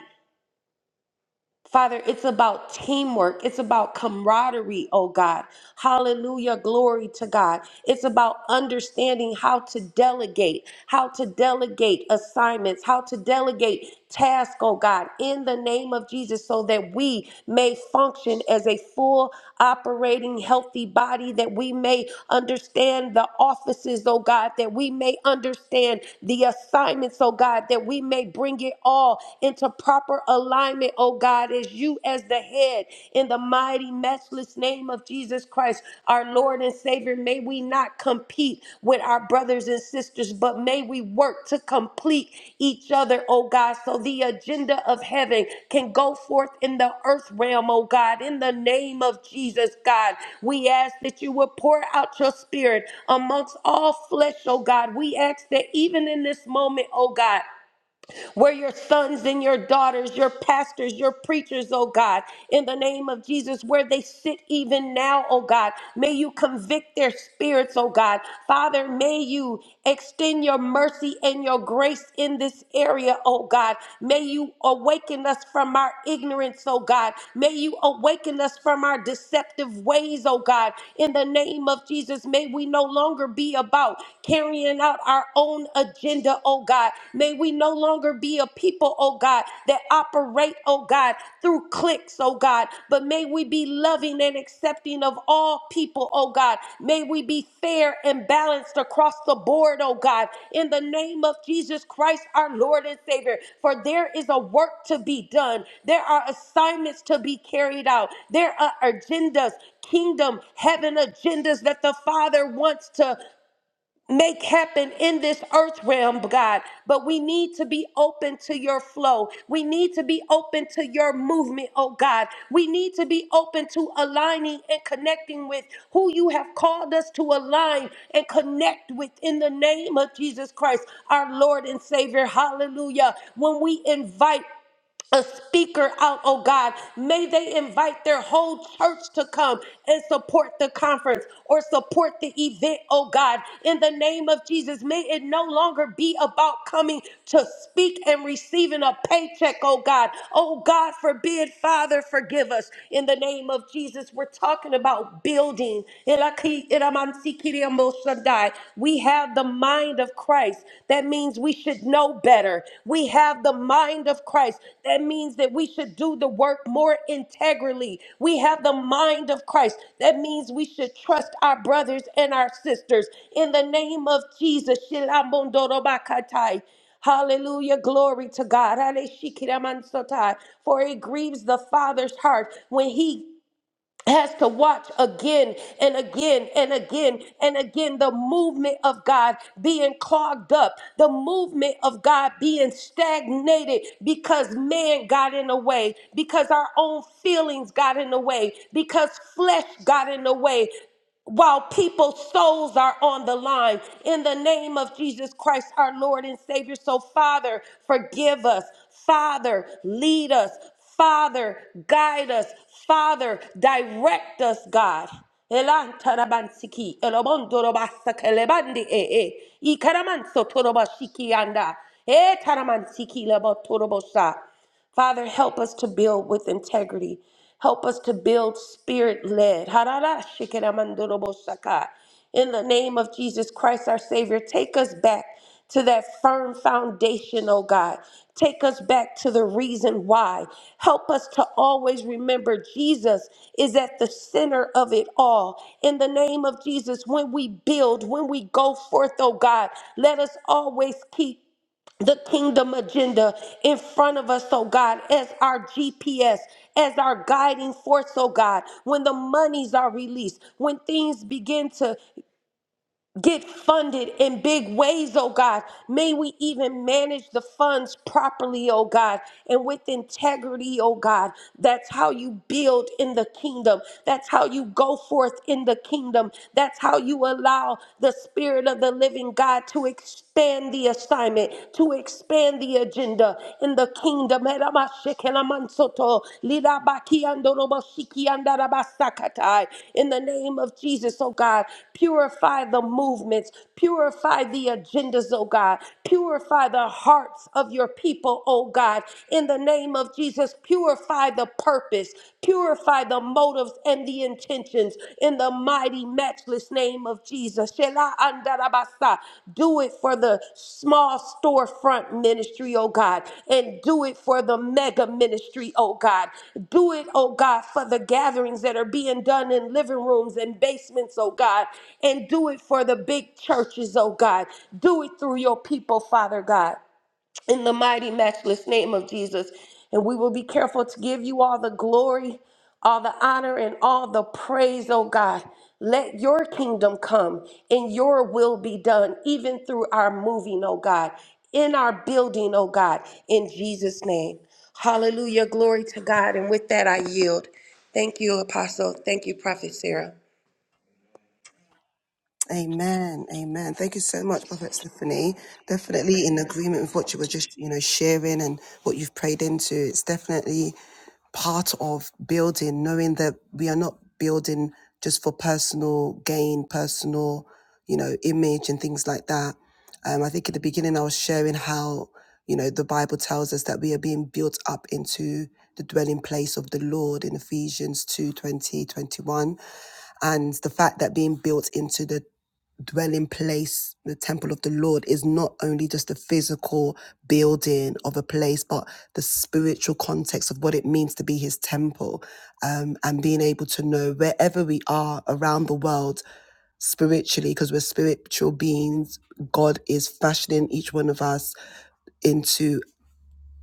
[SPEAKER 4] Father, it's about teamwork. It's about camaraderie, oh God. Hallelujah. Glory to God. It's about understanding how to delegate, how to delegate assignments, how to delegate tasks, oh God, in the name of Jesus, so that we may function as a full operating healthy body, that we may understand the offices, oh God, that we may understand the assignments, oh God, that we may bring it all into proper alignment, oh God, as you as the head in the mighty, matchless name of Jesus Christ, our Lord and Savior. May we not compete with our brothers and sisters, but may we work to complete each other, oh God, so the agenda of heaven can go forth in the earth realm, oh God, in the name of Jesus, God. We ask that you will pour out your spirit amongst all flesh, oh God. We ask that even in this moment, oh God, where your sons and your daughters, your pastors, your preachers, oh God, in the name of Jesus, where they sit even now, oh God, may you convict their spirits, oh God. Father, may you extend your mercy and your grace in this area, oh God. May you awaken us from our ignorance, oh God. May you awaken us from our deceptive ways, oh God. In the name of Jesus, may we no longer be about carrying out our own agenda agenda, oh God. May we no longer be a people, oh God, that operate, oh God, through clicks, oh God. But may we be loving and accepting of all people, oh God. May we be fair and balanced across the board, oh God. In the name of Jesus Christ, our Lord and Savior. For there is a work to be done. There are assignments to be carried out. There are agendas kingdom, heaven agendas that the Father wants to make happen in this earth realm, God. But we need to be open to your flow. We need to be open to your movement, oh God. We need to be open to aligning and connecting with who you have called us to align and connect with in the name of Jesus Christ, our Lord and Savior. Hallelujah. When we invite a speaker out, oh God. May they invite their whole church to come and support the conference or support the event, oh God. In the name of Jesus, may it no longer be about coming to speak and receiving a paycheck, oh God. Oh God, forbid, Father, forgive us. In the name of Jesus, we're talking about building. We have have the mind of Christ. That means we should know better. We have the mind of Christ. That means that we should do the work more integrally. We have the mind of Christ. That means we should trust our brothers and our sisters. In the name of Jesus. Shilabondorobakatai. Hallelujah. Glory to God. Hallelujah. For it grieves the Father's heart when he has to watch again and again and again and again the movement of God being clogged up, the movement of God being stagnated because man got in the way, because our own feelings got in the way, because flesh got in the way while people's souls are on the line in the name of Jesus Christ, our Lord and Savior. So, Father, forgive us. Father, lead us. Father, guide us. Father, direct us, God. Elan tarabansiki, elobondorobasake lebandi e e. Ikaramanso torobashiki anda. E taramansiki lebotorobosa. Father, help us to build with integrity. Help us to build spirit led. In the name of Jesus Christ, our Savior, take us back to that firm foundation, oh God. Take us back to the reason why. Help us to always remember Jesus is at the center of it all. In the name of Jesus, when we build, when we go forth, oh God, let us always keep the kingdom agenda in front of us, oh God, as our GPS, as our guiding force, oh God. When the monies are released, when things begin to get funded in big ways, oh God, may we even manage the funds properly, oh God, and with integrity, oh God. That's how you build in the kingdom. That's how you go forth in the kingdom. That's how you allow the spirit of the living God to extend expand the assignment, to expand the agenda in the kingdom. Eramashekenamansoto, lirabakiandoroboshikiandarabasakatai. In the name of Jesus, oh God, purify the movements, purify the agendas, oh God, purify the hearts of your people, oh God. In the name of Jesus, purify the purpose, purify the motive motives and the intentions in the mighty, matchless name of Jesus. Shela andarabasa. Do it for the small storefront ministry, oh God, and do it for the mega ministry, oh God. Do it, oh God, for the gatherings that are being done in living rooms and basements, oh God, and do it for the big churches, oh God. Do it through your people, Father God in the mighty, matchless name of Jesus. And we will be careful to give you all the glory, all the honor, and all the praise, oh God. Let your kingdom come and your will be done, even through our moving, oh God, in our building, oh God, in Jesus' name. Hallelujah. Glory to God. And with that, I yield. Thank you, Apostle. Thank you, Prophet Sarah.
[SPEAKER 1] Amen. Amen. Thank you so much, Prophet Stephanie. Definitely in agreement with what you were just, you know, sharing and what you've prayed into. It's definitely part of building, knowing that we are not building just for personal gain, personal, you know, image and things like that. Um, I think in the beginning, I was sharing how, you know, the Bible tells us that we are being built up into the dwelling place of the Lord in Ephesians 2 20 21, And the fact that being built into the dwelling place, the temple of the Lord, is not only just the physical building of a place, but the spiritual context of what it means to be his temple. Um, and being able to know wherever we are around the world spiritually, because we're spiritual beings, God is fashioning each one of us into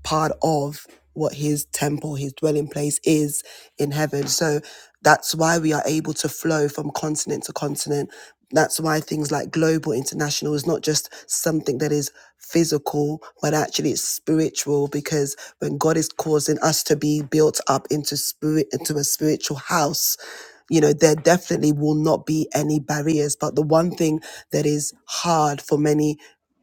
[SPEAKER 1] part of what his temple, his dwelling place is in heaven. So that's why we are able to flow from continent to continent. That's why things like global international is not just something that is physical, but actually it's spiritual because when God is causing us to be built up into spirit into a spiritual house, you know, there definitely will not be any barriers. But the one thing that is hard for many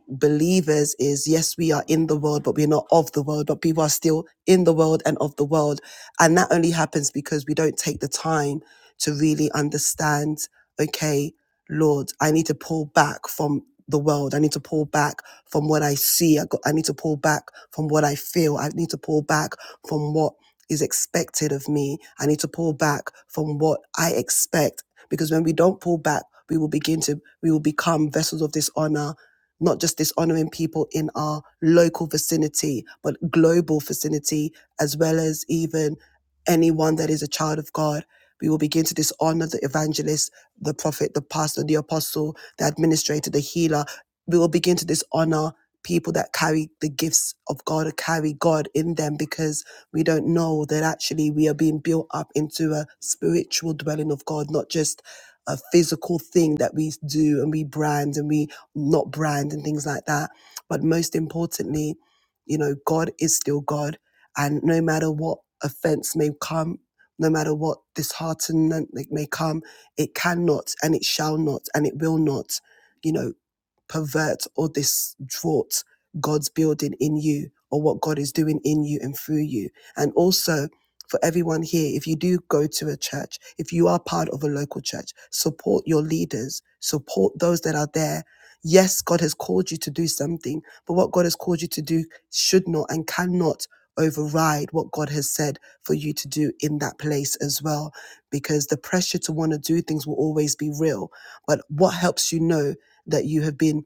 [SPEAKER 1] believers is yes, we are in the world, but we're not of the world, but people are still in the world and of the world. And that only happens because we don't take the time to really understand, okay, Lord, I need to pull back from the world. I need to pull back from what I see. I, got, I need to pull back from what I feel. I need to pull back from what is expected of me. I need to pull back from what I expect because when we don't pull back, we will begin to, we will become vessels of dishonor not just dishonoring people in our local vicinity, but global vicinity, as well as even anyone that is a child of God. We will begin to dishonor the evangelist, the prophet, the pastor, the apostle, the administrator, the healer. We will begin to dishonor people that carry the gifts of God or carry God in them because we don't know that actually we are being built up into a spiritual dwelling of God, not just a physical thing that we do and we brand and we not brand and things like that. But most importantly, you know, God is still God. And no matter what offense may come, no matter what disheartenment may come, it cannot and it shall not and it will not, you know, pervert or distort God's building in you or what God is doing in you and through you. And also for everyone here, if you do go to a church, if you are part of a local church, support your leaders, support those that are there Yes, God has called you to do something, but what God has called you to do should not and cannot override what God has said for you to do in that place as well, because the pressure to want to do things will always be real. But what helps you know? That you have been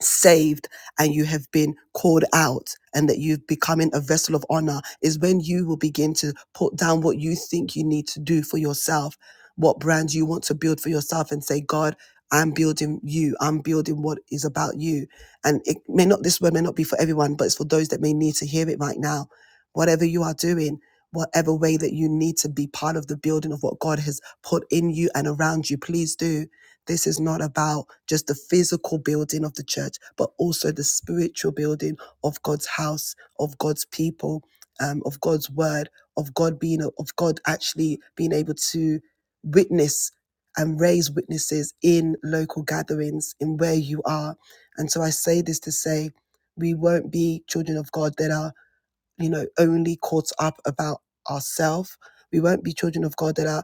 [SPEAKER 1] saved and you have been called out and that you've becoming a vessel of honor is when you will begin to put down what you think you need to do for yourself what brand you want to build for yourself and say god i'm building you i'm building what is about you and it may not this word may not be for everyone but it's for those that may need to hear it right now whatever you are doing whatever way that you need to be part of the building of what god has put in you and around you please do this is not about just the physical building of the church, but also the spiritual building of God's house, of God's people, um, of God's word, of God being, of God actually being able to witness and raise witnesses in local gatherings, in where you are. And so I say this to say, we won't be children of God that are, you know, only caught up about ourselves. We won't be children of God that are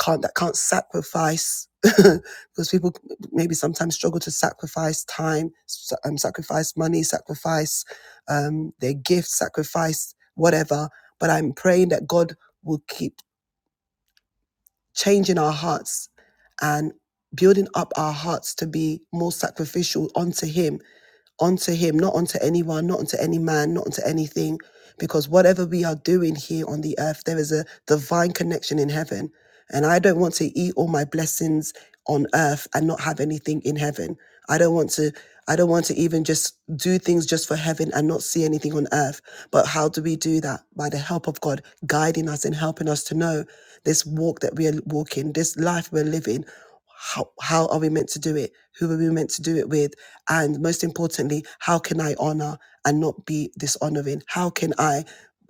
[SPEAKER 1] can't that can't sacrifice because people maybe sometimes struggle to sacrifice time, sa- um, sacrifice money, sacrifice um, their gifts, sacrifice whatever. But I'm praying that God will keep changing our hearts and building up our hearts to be more sacrificial unto Him Onto him, not onto anyone, not onto any man, not onto anything, because whatever we are doing here on the earth, there is a divine connection in heaven. And I don't want to eat all my blessings on earth and not have anything in heaven. I don't want to I don't want to even just do things just for heaven and not see anything on earth. But how do we do that? By the help of God guiding us and helping us to know this walk that we are walking, this life we're living how, how are we meant to do it? Who are we meant to do it with? And most importantly, how can I honor and not be dishonoring? How can I,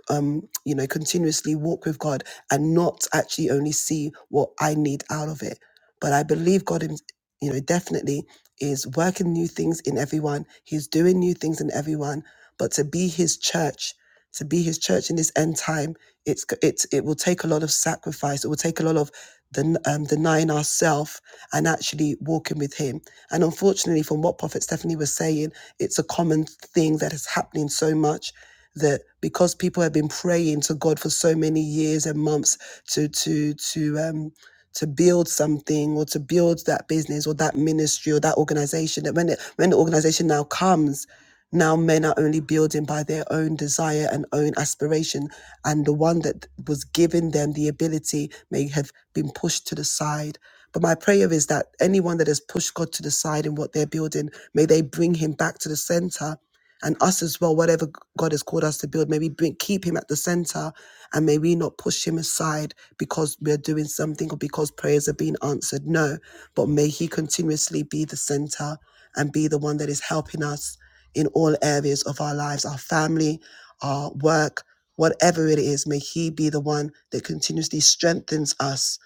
[SPEAKER 1] um, you know, continuously walk with God and not actually only see what I need out of it? But I believe God, him- you know, definitely is working new things in everyone. He's doing new things in everyone. But to be His church, to be His church in this end time, it's g- it's it will take a lot of sacrifice. It will take a lot of den, um, denying ourselves and actually walking with Him. And unfortunately, from what Prophet Stephanie was saying, it's a common thing that is happening so much that because people have been praying to God for so many years and months to to to um to build something or to build that business or that ministry or that organization that when it when the organization now comes now men are only building by their own desire and own aspiration and the one that was giving them the ability may have been pushed to the side but my prayer is that anyone that has pushed god to the side in what they're building may they bring him back to the center and us as well whatever god has called us to build maybe bring, keep him at the center and may we not push him aside because we're doing something or because prayers are being answered. No, but may he continuously be the center and be the one that is helping us in all areas of our lives, our family, our work, whatever it is. May he be the one that continuously strengthens us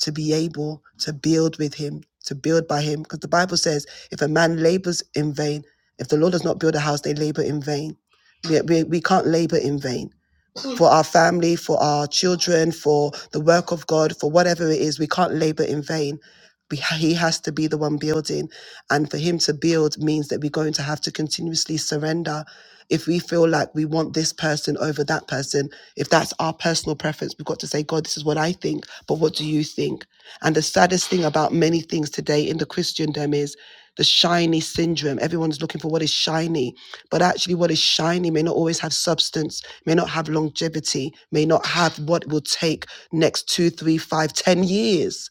[SPEAKER 1] to be able to build with him, to build by him. Because the Bible says, if a man labors in vain, if the Lord does not build a house, they labor in vain. We, we, we can't labor in vain for our family, for our children, for the work of God, for whatever it is. We can't labor in vain. Be- He has to be the one building. And for him to build means that we're going to have to continuously surrender. If we feel like we want this person over that person, if that's our personal preference, we've got to say, God, this is what I think, but what do you think? And the saddest thing about many things today in the Christendom is the shiny syndrome. Everyone's looking for what is shiny, but actually, what is shiny may not always have substance, may not have longevity, may not have what it will take next two, three, five, ten years.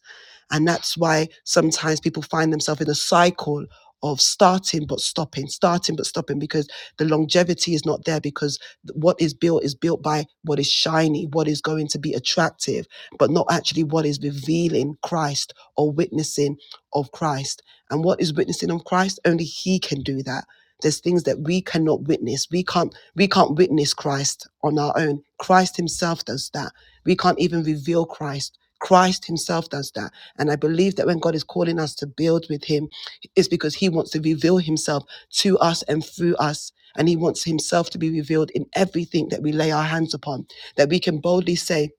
[SPEAKER 1] And that's why sometimes people find themselves in a cycle of starting but stopping, starting but stopping, because the longevity is not there because what is built is built by what is shiny, what is going to be attractive, but not actually what is revealing Christ or witnessing of Christ. And what is witnessing of Christ? Only He can do that. There's things that we cannot witness. We can't we can't witness Christ on our own. Christ Himself does that. We can't even reveal Christ. Christ Himself does that. And I believe that when God is calling us to build with Him, it's because He wants to reveal Himself to us and through us. And He wants Himself to be revealed in everything that we lay our hands upon, that we can boldly say,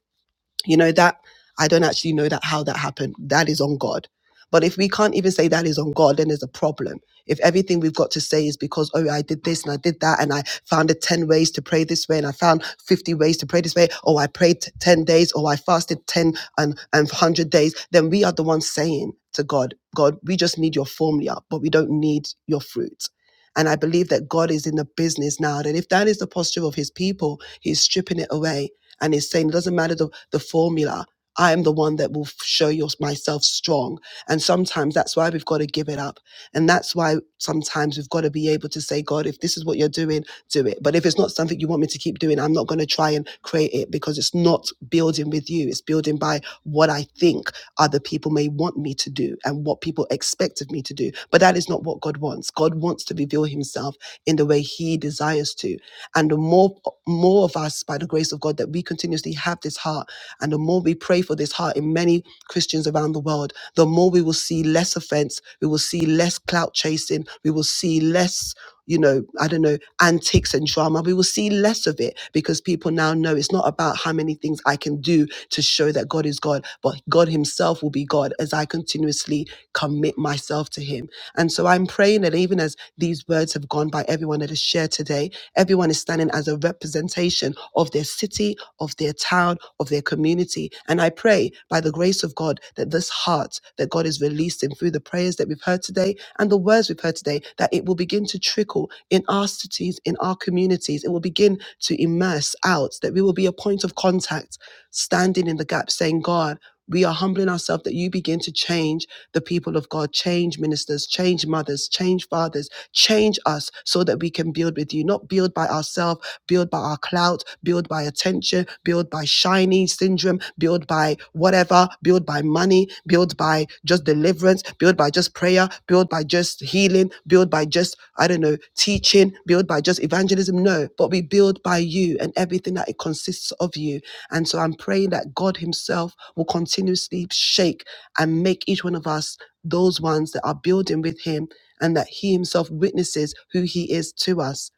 [SPEAKER 1] you know that i don't actually know that how that happened that is on god but if we can't even say that is on god then there's a problem if everything we've got to say is because oh i did this and i did that and i found the 10 ways to pray this way and i found 50 ways to pray this way or i prayed t- 10 days or i fasted 10 and, and 100 days then we are the ones saying to god god we just need your formula but we don't need your fruit and I believe that God is in the business now that if that is the posture of his people, he's stripping it away and it's saying it doesn't matter the, the formula. I am the one that will show your, myself strong. And sometimes that's why we've got to give it up. And that's why sometimes we've got to be able to say, God, if this is what you're doing, do it. But if it's not something you want me to keep doing, I'm not going to try and create it because it's not building with you. It's building by what I think other people may want me to do and what people expect of me to do. But that is not what God wants. God wants to reveal himself in the way he desires to and the more more of us by the grace of god that we continuously have this heart and the more we pray for this heart in many christians around the world the more we will see less offense we will see less clout chasing we will see less you know, I don't know, antics and drama. We will see less of it because people now know it's not about how many things I can do to show that God is God, but God Himself will be God as I continuously commit myself to Him. And so I'm praying that even as these words have gone by, everyone that has shared today, everyone is standing as a representative representation of their city, of their town, of their community. And I pray by the grace of God that this heart that God is releasing through the prayers that we've heard today and the words we've heard today, that it will begin to trickle in our cities, in our communities. It will begin to immerse out, that we will be a point of contact, standing in the gap, saying, God, we are humbling ourselves that you begin to change the people of God, change ministers, change mothers, change fathers, change us so that we can build with you, not build by ourselves built by our clout, built by attention, built by shiny syndrome, built by whatever, built by money, built by just deliverance, built by just prayer, built by just healing, built by just, I don't know, teaching, built by just evangelism. No, but we build by you and everything that it consists of you. And so I'm praying that God Himself will continuously shake and make each one of us those ones that are building with Him and that He Himself witnesses who He is to us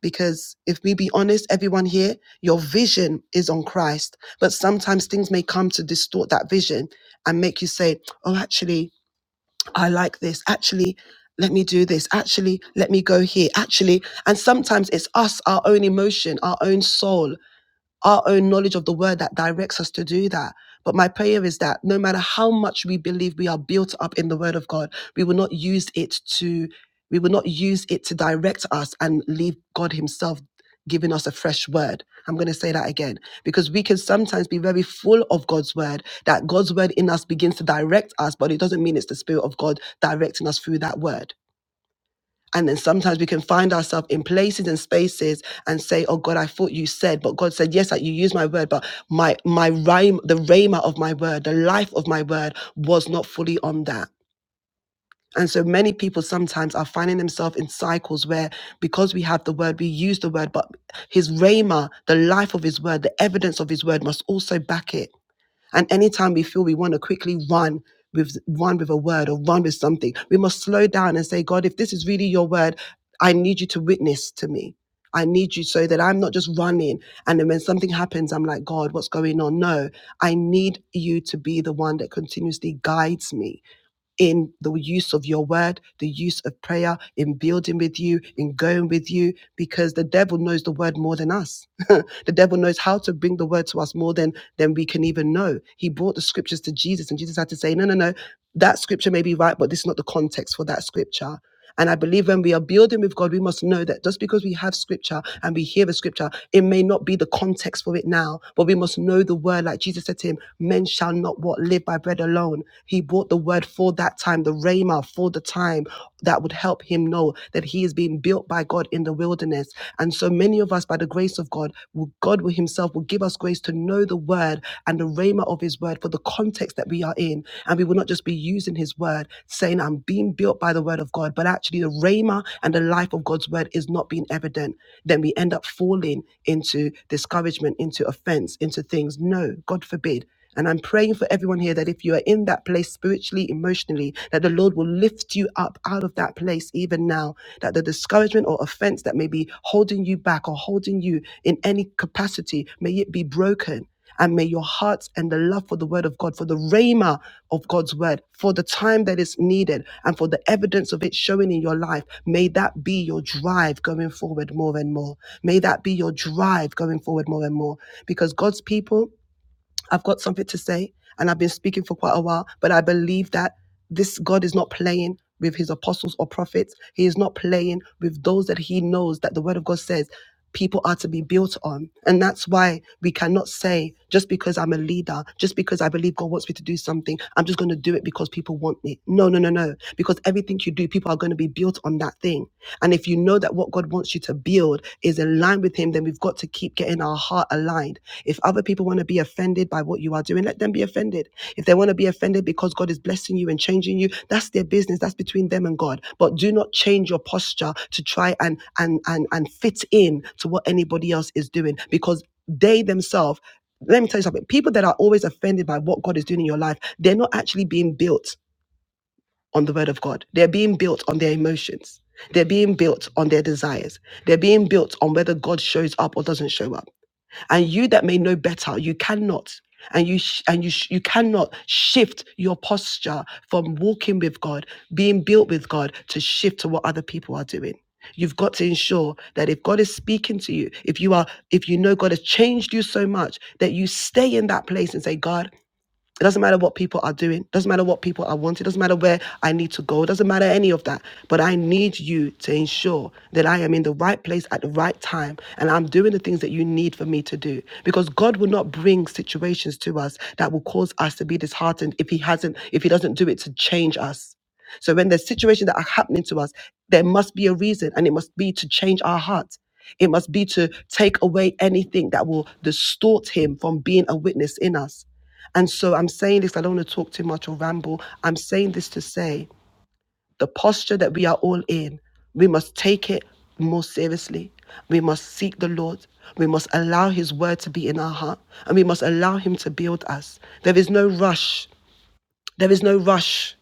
[SPEAKER 1] because if we be honest, everyone here, your vision is on Christ. But sometimes things may come to distort that vision and make you say, oh, actually, I like this. Actually, let me do this. Actually, let me go here. Actually, and sometimes it's us, our own emotion, our own soul our own knowledge of the word that directs us to do that. But my prayer is that no matter how much we believe we are built up in the word of God, we will not use it to we will not use it to direct us and leave God himself giving us a fresh word. I'm going to say that again because we can sometimes be very full of God's word that God's word in us begins to direct us, but it doesn't mean it's the spirit of God directing us through that word. And then sometimes we can find ourselves in places and spaces and say, Oh God, I thought you said, but God said, Yes, that you used my word, but my my rhyme, the rhema of my word, the life of my word was not fully on that. And so many people sometimes are finding themselves in cycles where because we have the word, we use the word, but his rhema, the life of his word, the evidence of his word must also back it. And anytime we feel we want to quickly run with run with a word or run with something, we must slow down and say, God, if this is really your word, I need you to witness to me. I need you so that I'm not just running. And then when something happens, I'm like, God, what's going on? No, I need you to be the one that continuously guides me in the use of your word, the use of prayer, in building with you, in going with you, because the devil knows the word more than us. the devil knows how to bring the word to us more than, than we can even know. He brought the scriptures to Jesus, and Jesus had to say, No, no, no, that scripture may be right, but this is not the context for that scripture. And I believe when we are building with God, we must know that just because we have scripture and we hear the scripture, it may not be the context for it now, but we must know the word. Like Jesus said to him, men shall not what live by bread alone. He brought the word for that time, the rhema for the time that would help him know that he is being built by God in the wilderness. And so many of us, by the grace of God, will, God will Himself will give us grace to know the word and the rhema of His word for the context that we are in. And we will not just be using His word, saying, I'm being built by the word of God, but actually the rhema and the life of God's word is not being evident. Then we end up falling into discouragement, into offense, into things. No, God forbid. And I'm praying for everyone here that if you are in that place spiritually, emotionally, that the Lord will lift you up out of that place even now. That the discouragement or offense that may be holding you back or holding you in any capacity, may it be broken. And may your hearts and the love for the word of God, for the rhema of God's word, for the time that is needed, and for the evidence of it showing in your life, may that be your drive going forward more and more. May that be your drive going forward more and more. Because God's people, I've got something to say and I've been speaking for quite a while, but I believe that this God is not playing with his apostles or prophets. He is not playing with those that he knows that the word of God says people are to be built on. And that's why we cannot say, just because I'm a leader, just because I believe God wants me to do something, I'm just going to do it because people want me. No, no, no, no. Because everything you do, people are going to be built built on that thing. And if you know that what God wants you to build is in line with Him, then we've got to keep getting our heart aligned. If other people want to be offended by what you are doing, let them be offended. If they want to be offended because God is blessing you and changing you, that's their business. That's between them and God. But do not change your posture to try and and and and fit in to what anybody else is doing because they themselves let me tell you something. People that are always offended by what God is doing in your life, they're not actually being built on the word of God. They're being built on their emotions. They're being built on their desires. They're being built on whether God shows up or doesn't show up. And you that may know better, you cannot and you sh- and you sh- you cannot shift your posture from walking with God, being built with God to shift to what other people are doing. You've got to ensure that if God is speaking to you, if you are if you know God has changed you so much that you stay in that place and say, God, it doesn't matter what people are doing. It doesn't matter what people are wanting. It doesn't matter where I need to go. It doesn't matter any of that. But I need you to ensure that I am in the right place at the right time and I'm doing the things that you need for me to do. Because God will not bring situations to us that will cause us to be disheartened if He hasn't, if He doesn't do it to change us. So when there's situations that are happening to us, there must be a reason and it must be to change our hearts. It must be to take away anything that will distort him from being a witness in us. And so I'm saying this, I don't want to talk too much or ramble. I'm saying this to say the posture that we are all in, we must take it more seriously. We must seek the Lord. We must allow His word to be in our heart and we must allow Him to build us. There is no rush. There is no rush.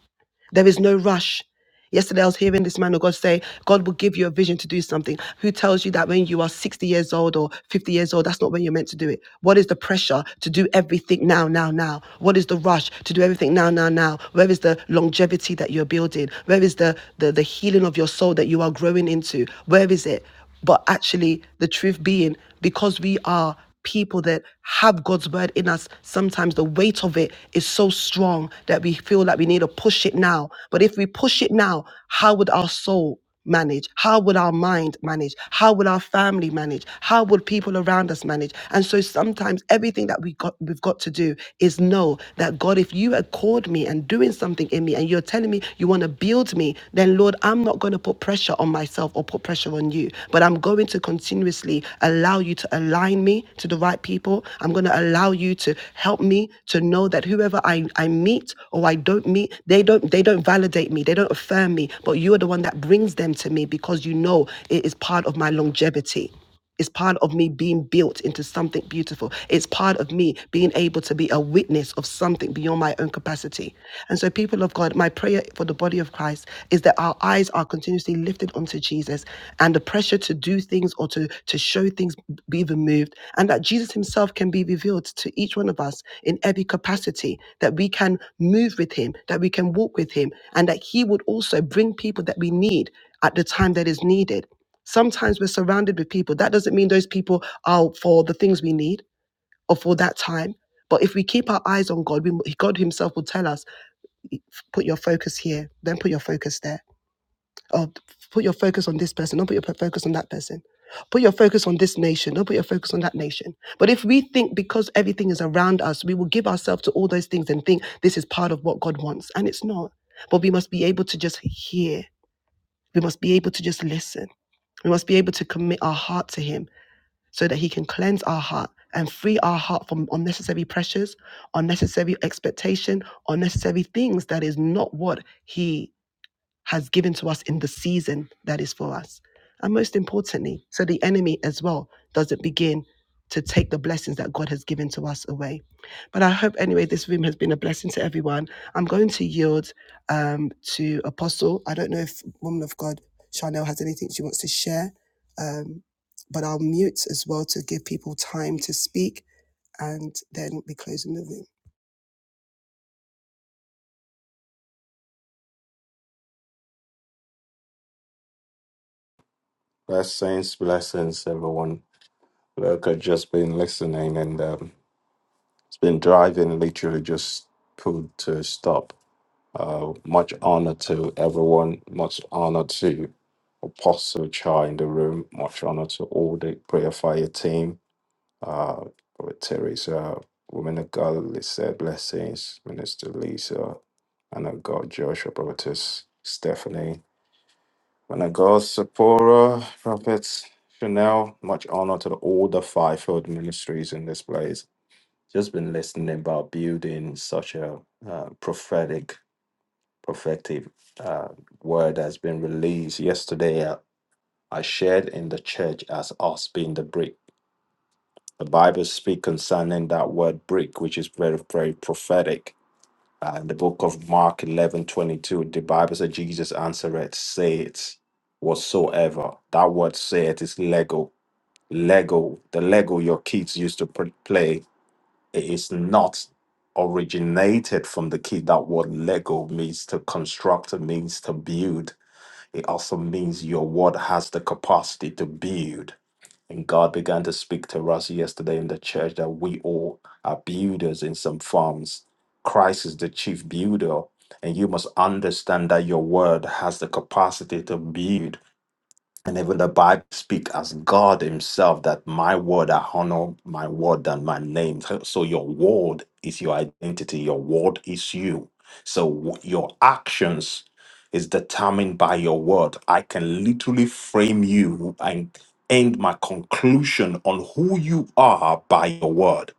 [SPEAKER 1] There is no rush. Yesterday, I was hearing this man of God say, God will give you a vision to do something. Who tells you that when you are 60 years old or 50 years old, that's not when you're meant to do it? What is the pressure to do everything now, now, now? What is the rush to do everything now, now, now? Where is the longevity that you're building? Where is the, the, the healing of your soul that you are growing into? Where is it? But actually, the truth being, because we are people that have God's word in us, sometimes the weight of it is so strong that we feel like we need to push it now. But if we push it now, how would our soul manage? How would our mind manage? How would our family manage? How would people around us manage? And so sometimes everything that we got we've got to do is know that God, if you had called me and doing something in me and you're telling me you want to build me, then Lord, I'm not going to put pressure on my myself or put pressure on you. But I'm going to continuously allow you to align me to the right people. I'm going to allow you to help me to know that whoever I, I meet or I don't meet, they don't they don't validate me, they don't affirm me, but you are the one that brings them to me because you know it is part of my longevity. It's part of me being built into something beautiful. It's part of me being able to be a witness of something beyond my own capacity. And so, people of God, my prayer for the body of Christ is that our eyes are continuously lifted onto Jesus and the pressure to do things or to, to show things be removed, and that Jesus himself can be revealed to each one of us in every capacity, that we can move with him, that we can walk with him, and that he would also bring people that we need at the time that is needed. Sometimes we're surrounded with people. That doesn't mean those people are for the things we need or for that time. But if we keep our eyes on God, we, God Himself will tell us, put your focus here, then put your focus there. Or put your focus on this person, don't put your focus on that person. Put your focus on this nation, don't put your focus on that nation. But if we think because everything is around us, we will give ourselves to all those things and think this is part of what God wants. And it's not. But we must be able to just hear, we must be able to just listen. We must be able to commit our heart to Him so that He can cleanse our heart and free our heart from unnecessary pressures, unnecessary expectation, unnecessary things that is not what He has given to us in the season that is for us. And most importantly, so the enemy as well doesn't begin to take the blessings that God has given to us away. But I hope, anyway, this room has been a blessing to everyone. I'm going to yield um, to Apostle. I don't know if Woman of God Chanel has anything she wants to share, um, but I'll mute as well to give people time to speak and then we'll be closing the room.
[SPEAKER 5] Blessings, blessings, everyone. Look, I've just been listening and um, it's been driving, literally just pulled to a stop. Uh, much honor to everyone, much honor to Apostle Chai in the room, much honor to all the prayer fire team. Uh, with Teresa, Women of God, Lisa, blessings, Minister Lisa, and of God, Joshua, Prophetess Stephanie, when I go, Sephora, Prophets, Chanel, much honor to the, all the fivefold ministries in this place. Just been listening about building such a uh, prophetic, prophetic uh, word that's been released yesterday. I, I shared in the church as us being the brick. The Bible speaks concerning that word brick, which is very, very prophetic uh, in the book of Mark eleven twenty two, the Bible says, Jesus answered, say it whatsoever. That word say it is Lego. Lego, the Lego your kids used to pr- play, it is not originated from the kid. That word Lego means to construct, it means to build. It also means your word has the capacity to build and God began to speak to us yesterday in the church that we all are builders in some forms. Christ is the chief builder, and you must understand that your word has the capacity to build. And even the Bible speak as God Himself that my word I honor my word and my name. So so your word is your identity. Your word is you. So w- your actions is determined by your word. I can literally frame you and end my conclusion on who you are by your word.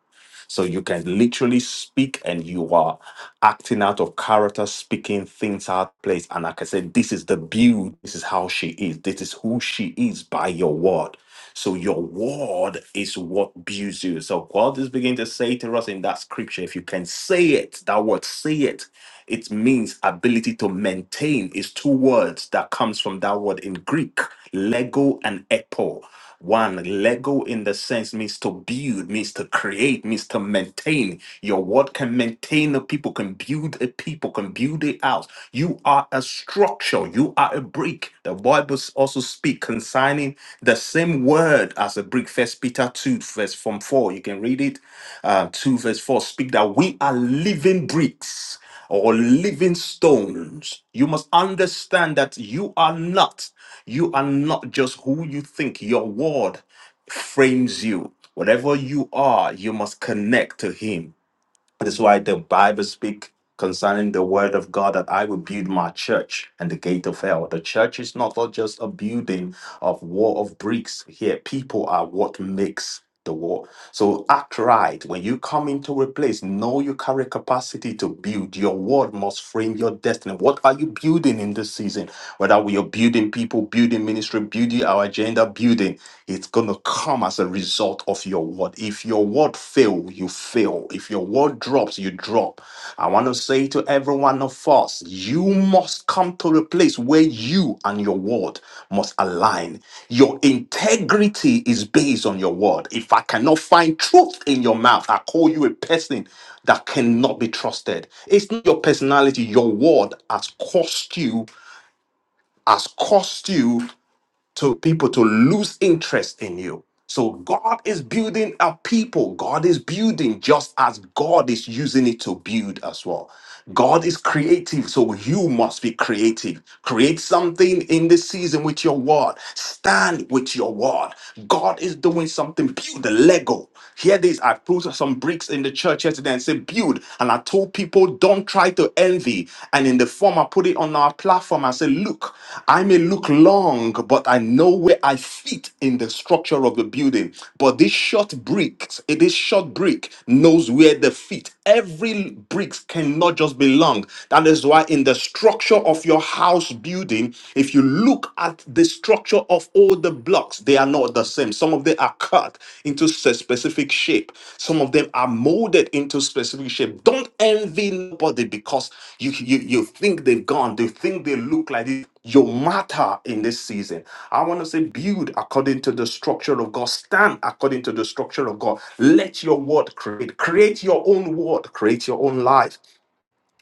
[SPEAKER 5] So you can literally speak and you are acting out of character, speaking things out of place. And like I said, this is the beauty. This is how she is. This is who she is by your word. So your word is what builds you. So God is beginning to say to us in that scripture, if you can say it, that word say it, it means ability to maintain is two words that comes from that word in Greek, lego and epo. One, Lego in the sense means to build, means to create, means to maintain. Your word can maintain a people, can build a people, can build a house. You are a structure, you are a brick. The Bible also speak concerning the same word as a brick. First Peter 2, verse from 4. You can read it. Uh, 2 verse 4 speak that we are living bricks or living stones. You must understand that you are not. You are not just who you think, your word frames you. Whatever you are, you must connect to Him. That's why the Bible speak concerning the word of God that I will build my church and the gate of hell. The church is not just a building of wall of bricks. Here, people are what makes the wall. So act right. When you come into a place, know your current capacity to build. Your word must frame your destiny. What are you building in this season? Whether we are building people, building ministry, building our agenda, building. It's going to come as a result of your word. If your word fail, you fail. If your word drops, you drop. I want to say to every one of us, you must come to a place where you and your word must align. Your integrity is based on your word. If I cannot find truth in your mouth, I call you a person that cannot be trusted. It's not your personality, your word has cost you, has cost you to people to lose interest in you. So God is building a people. God is building just as God is using it to build as well. God is creative, so you must be creative. Create something in this season with your word. Stand with your word. God is doing something. Build a Lego. Here it is. I put some bricks in the church yesterday and said build. and. And I told people, don't try to envy. And in the form, I put it on our platform. I said, look, I may look long, but I know where I fit in the structure of the building. But this short brick, this short brick knows where they fit. Every brick cannot just be long. That is why in the structure of your house building, if you look at the structure of all the blocks, they are not the same. Some of them are cut into a specific shape. Some of them are molded into specific shape. Don't envy nobody because you, you, you think they've gone, they think they look like this. You matter in this season. I want to say, build according to the structure of God, stand according to the structure of God. Let your word create, create your own word, create your own life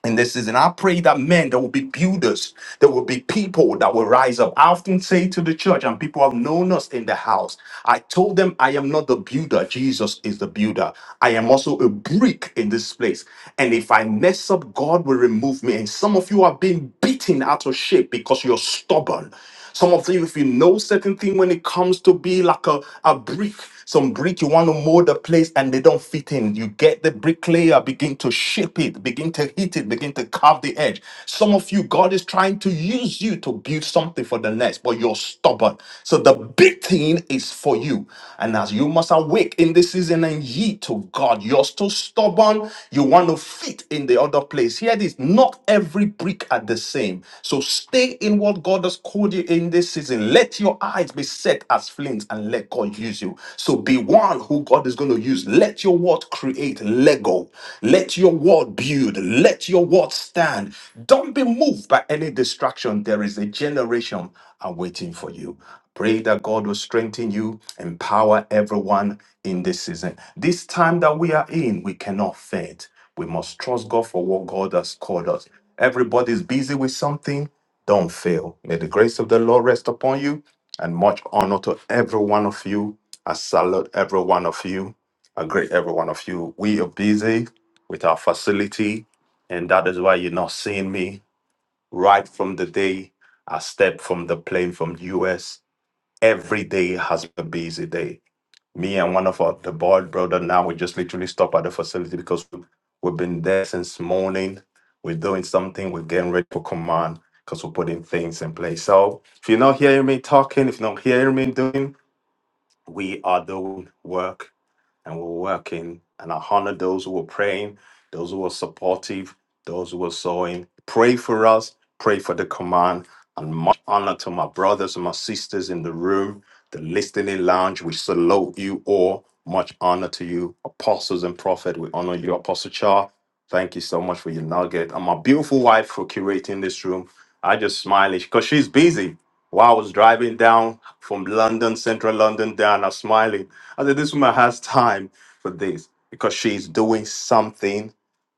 [SPEAKER 5] in this season. I pray that men, there will be builders, there will be people that will rise up. I often say to the church, and people have known us in the house, I told them, I am not the builder. Jesus is the builder. I am also a brick in this place. And if I mess up, God will remove me. And some of you are being beaten out of shape because you're stubborn. Some of you, if you know certain thing when it comes to be like a, a brick, some brick you want to mold a place and they don't fit in. You get the bricklayer, begin to shape it, begin to hit it, begin to carve the edge. Some of you, God is trying to use you to build something for the next, but you're stubborn. So the big thing is for you. And as you must awake in this season and ye to God, you're still stubborn. You want to fit in the other place. Here it is. Not every brick are the same. So stay in what what God has called you in this season. Let your eyes be set as flames and let God use you. So be one who God is going to use. Let your word create Lego. Let your word build. Let your word stand. Don't be moved by any distraction. There is a generation are waiting for you. Pray that God will strengthen you, empower everyone in this season. This time that we are in, we cannot faint. We must trust God for what God has called us. Everybody's busy with something. Don't fail. May the grace of the Lord rest upon you and much honor to every one of you. I salute every one of you. I greet every one of you. We are busy with our facility, and that is why you're not seeing me right from the day I stepped from the plane from US. Every day has been a busy day. Me and one of our, the board brother now we just literally stop at the facility because we've been there since morning. We're doing something. We're getting ready for command because we're putting things in place. So if you're not hearing me talking, if you're not hearing me doing, we are doing work and we're working. And I honor those who were praying, those who were supportive, those who were sowing. Pray for us, pray for the command, and much honor to my brothers and my sisters in the room, the listening lounge. We salute you all. Much honor to you, apostles and prophet. We honor you, Apostle Char. Thank you so much for your nugget. And my beautiful wife for curating this room. I just smile because she's busy. While I was driving down from London, central London, down, I'm smiling I said, this woman has time for this because she's doing something.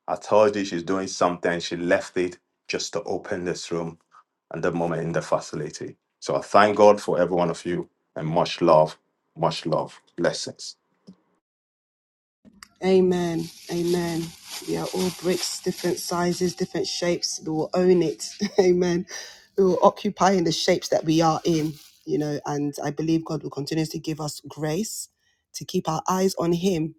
[SPEAKER 5] I told you she's doing something. She left it just to open this room and the moment in the facility. So I thank God for every one of you and much love, much love, blessings.
[SPEAKER 1] Amen. Amen. We are all bricks, different sizes, different shapes. We will own it. Amen. We will occupy in the shapes that we are in, you know, and I believe God will continuously give us grace to keep our eyes on Him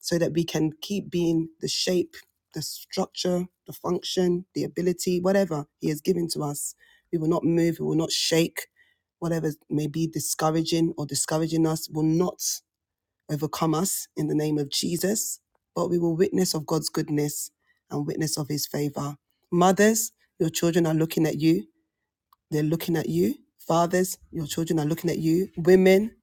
[SPEAKER 1] so that we can keep being the shape, the structure, the function, the ability, whatever He has given to us. We will not move, we will not shake. Whatever may be discouraging or discouraging us will not overcome us in the name of Jesus, but we will witness of God's goodness and witness of his favor. Mothers, your children are looking at you. They're looking at you. Fathers, your children are looking at you. Women,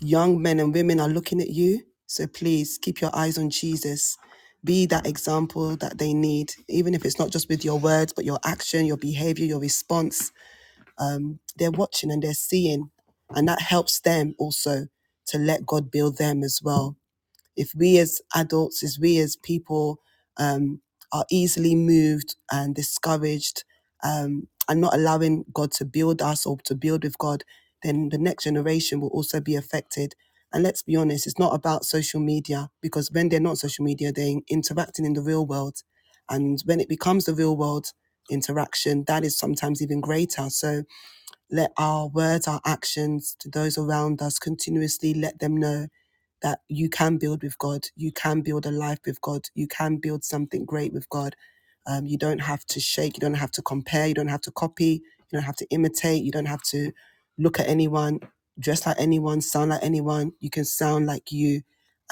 [SPEAKER 1] young men and women are looking at you. So please keep your eyes on Jesus. Be that example that they need, even if it's not just with your words, but your action, your behavior, your response. Um, they're watching and they're seeing, and that helps them also to let God build them as well if we as adults, as we as people um, are easily moved and discouraged um, and not allowing God to build us or to build with God, then the next generation will also be affected. And let's be honest, it's not about social media because when they're not social media, they're interacting in the real world. And when it becomes the real world interaction, that is sometimes even greater. So, let our words, our actions to those around us continuously let them know that you can build with God. You can build a life with God. You can build something great with God. Um, you don't have to shake. You don't have to compare. You don't have to copy. You don't have to imitate. You don't have to look at anyone, dress like anyone, sound like anyone. You can sound like you,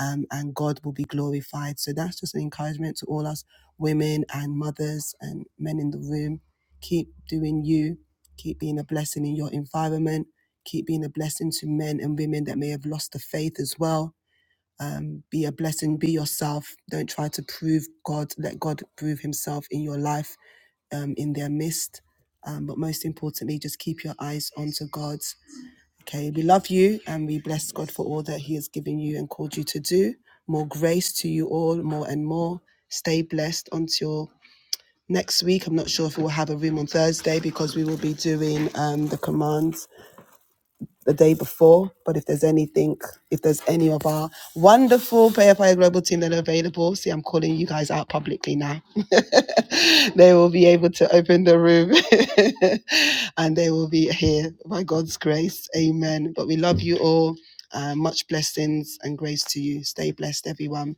[SPEAKER 1] um, and God will be glorified. So that's just an encouragement to all us women and mothers and men in the room. Keep doing you Keep being a blessing in your environment. Keep being a blessing to men and women that may have lost the faith as well. Um, be a blessing. Be yourself. Don't try to prove God. Let God prove Himself in your life, um, in their midst. Um, but most importantly, just keep your eyes onto God. Okay, we love you and we bless God for all that He has given you and called you to do. More grace to you all, more and more. Stay blessed until next week. I'm not sure if we'll have a room on Thursday because we will be doing um, the commands the day before. But if there's anything, if there's any of our wonderful Prayer Fire Global team that are available, see, I'm calling you guys out publicly now. they will be able to open the room and they will be here by God's grace. Amen. But we love you all. Uh, much blessings and grace to you. Stay blessed, everyone.